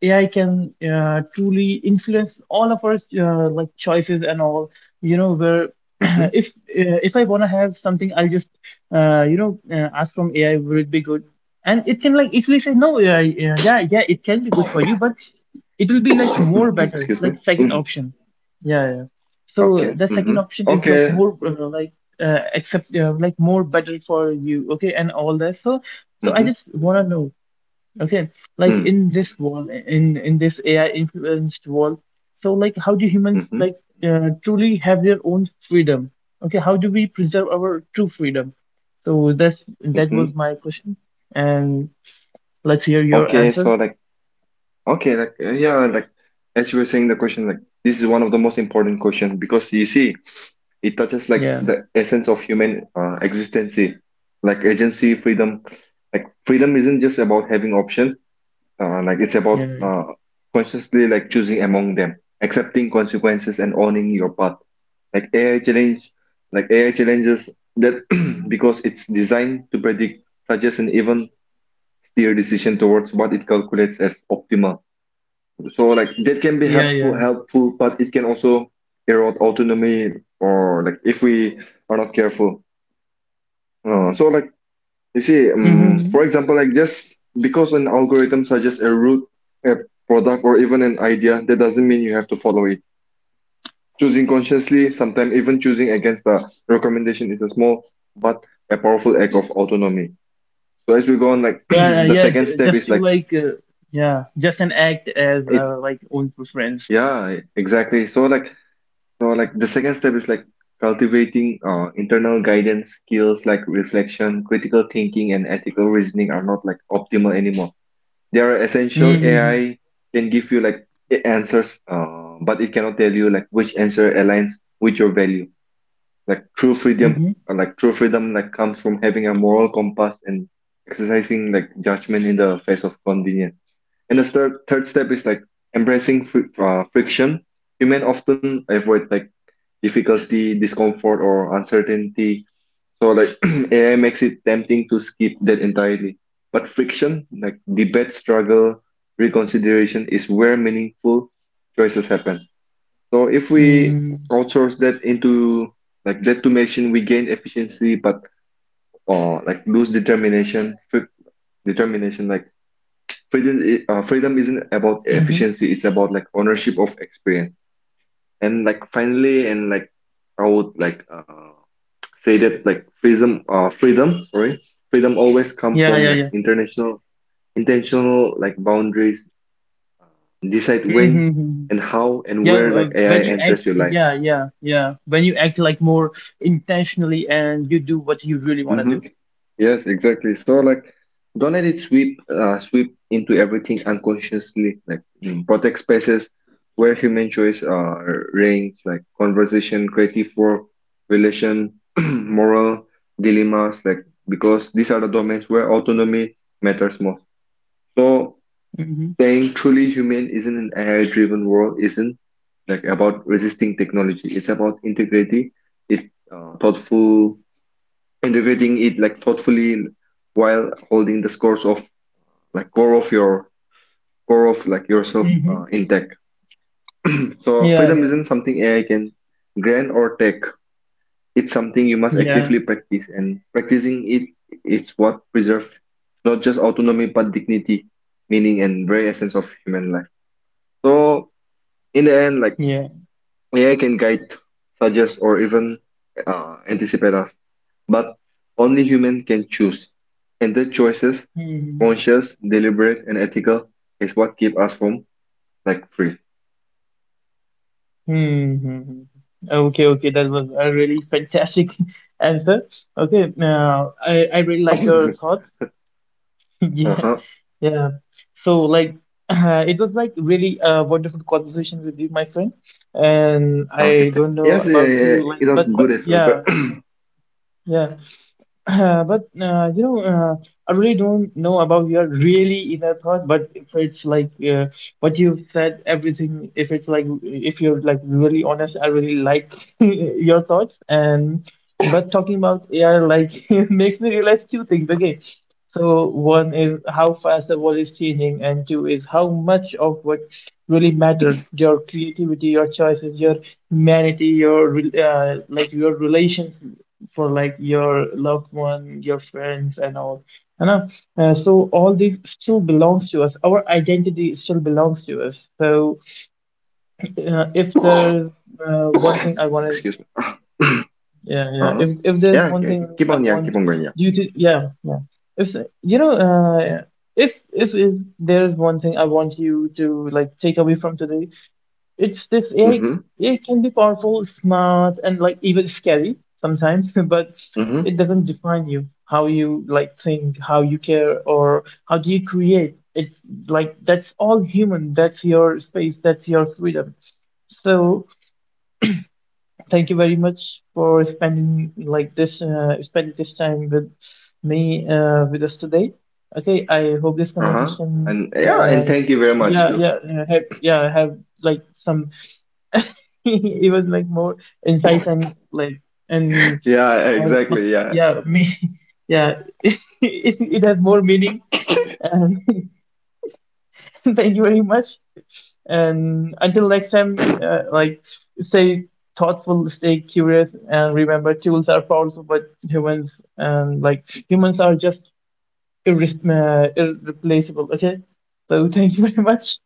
A I can, uh, truly influence all of our, uh, like choices and all. You know, where if uh, if I wanna have something, I'll just, uh, you know uh, ask from A I, will it be good? And it can like easily say, no, A I, yeah, yeah, yeah, it can be good for you, but it will be like more Mm-hmm. better, Excuse me. like second Mm. option. Yeah, yeah. So Okay. the Mm-hmm. second option is like Okay. more, uh, like uh, accept, uh, like more better for you, okay, and all that. So so I Mm-hmm. just wanna know. Okay, like Mm-hmm. in this world, in in this A I influenced world, so like how do humans like, uh, truly have their own freedom? Okay, how do we preserve our true freedom? So that's that was Mm-hmm. my question, and let's hear your Okay, answer. so like, okay, like, uh, yeah, like, as you were saying the question, like, this is one of the most important questions because you see, it touches like Yeah, the essence of human uh, existence, like agency, freedom. Like, freedom isn't just about having option, uh, like, it's yeah, about uh, consciously like choosing among them, accepting consequences and owning your path. Like A I challenge, like A I challenges that because it's designed to predict, suggest, and even steer decision towards what it calculates as optimal. So like that can be yeah, helpful, yeah. helpful, but it can also erode autonomy or like if we are not careful. Uh, so like you see, um, Mm-hmm. for example, like just because an algorithm suggests a route, a product, or even an idea, that doesn't mean you have to follow it. Choosing consciously, sometimes even choosing against the recommendation, is a small but a powerful act of autonomy. So as we go on, like Yeah, the yeah. second j- step Just is to like like, uh, yeah, just an act as, it's uh, like own for friends. yeah, exactly. So like So, like the second step is like cultivating uh, internal guidance skills like reflection, critical thinking, and ethical reasoning are not like optimal anymore. They are essential. A I Mm-hmm. can give you like a- answers, uh, but it cannot tell you like which answer aligns with your value. Like true freedom, Mm-hmm. uh, like true freedom, like comes from having a moral compass and exercising like judgment in the face of convenience. And the third third step is like embracing fr uh, friction. Human often avoid like difficulty, discomfort, or uncertainty. So like A I makes it tempting to skip that entirely. But friction, like debate, struggle, reconsideration is where meaningful choices happen. So if we outsource that into like that to machine, we gain efficiency, but uh, like lose determination. Fri- determination, like freedom, i- uh, Freedom isn't Mm-hmm. about efficiency. It's about like ownership of experience. And like finally, and like I would like. Uh. say that like freedom uh freedom sorry freedom always come Yeah, yeah, from yeah. like international intentional like boundaries decide when Mm-hmm. and how and Yeah, where uh, like A I when you enters act, your life. yeah, yeah, yeah. When you act like more intentionally and you do what you really want to Mm-hmm. do. Yes, exactly. So like, don't let it sweep uh, sweep into everything unconsciously. Like, mm, protect spaces where human choice uh, reigns, like conversation, creative work, relation, moral dilemmas. Like, because these are the domains where autonomy matters most. So Hmm. saying truly human isn't an A I-driven world, isn't like about resisting technology. It's about integrating it uh, thoughtful, integrating it like thoughtfully while holding the scores of like core of your core of like yourself uh, Hmm. intact. So Yeah, freedom yeah, isn't something A I can grant or take. It's something you must yeah, actively practice, and practicing it is what preserves not just autonomy but dignity, meaning, and very essence of human life. So in the end, like yeah. A I can guide, suggest, or even uh, anticipate us, but only human can choose. And the choices, Hmm. conscious, deliberate, and ethical, is what keep us from like free. Hmm. Okay, okay. That was a really fantastic answer. Okay, now I, I really like your Uh-huh. thoughts. Yeah, yeah. So like, it was like really a wonderful conversation with you, my friend. And Okay. I th- don't know Yes, yeah, yeah, about you, yeah. like, It was but good but as well. But- yeah, yeah. Uh, but, uh, you know, uh, I really don't know about your really inner thought. But if it's like, uh, what you've said, everything. If it's like if you're like really honest, I really like your thoughts. And, but talking about A I, like it makes me realize two things. Okay, so one is how fast the world is changing, and two is how much of what really matter your creativity, your choices, your humanity, your re- uh, like your relations for like your loved one, your friends, and all. You know, uh, so all this still belongs to us. Our identity still belongs to us. So, uh, if there's, uh, one thing I want to, Excuse me. yeah, yeah. Uh-huh. If if there's Yeah, one okay. okay. thing Keep I on, yeah, keep want on going, yeah. you to, yeah, yeah. If, you know, uh, if if is there's one thing I want you to like take away from today, it's this A I, Mm-hmm. A I can be powerful, smart, and like even scary sometimes, but Mm-hmm. it doesn't define you, how you like think, how you care, or how do you create. It's like that's all human. That's your space. That's your freedom. So thank you very much for spending like this, uh, spending this time with me, uh, with us today. Okay, I hope this Uh-huh. conversation, And yeah, uh, and thank you very much yeah, too. yeah, uh, have, yeah, have like some, it was like more insights and like, and, Yeah, uh, but exactly. Yeah. yeah, me, yeah, it, it has more meaning, and thank you very much, and until next time, uh, like stay thoughtful, stay curious, and remember tools are powerful but humans and like humans are just irre uh, irreplaceable, okay. So thank you very much.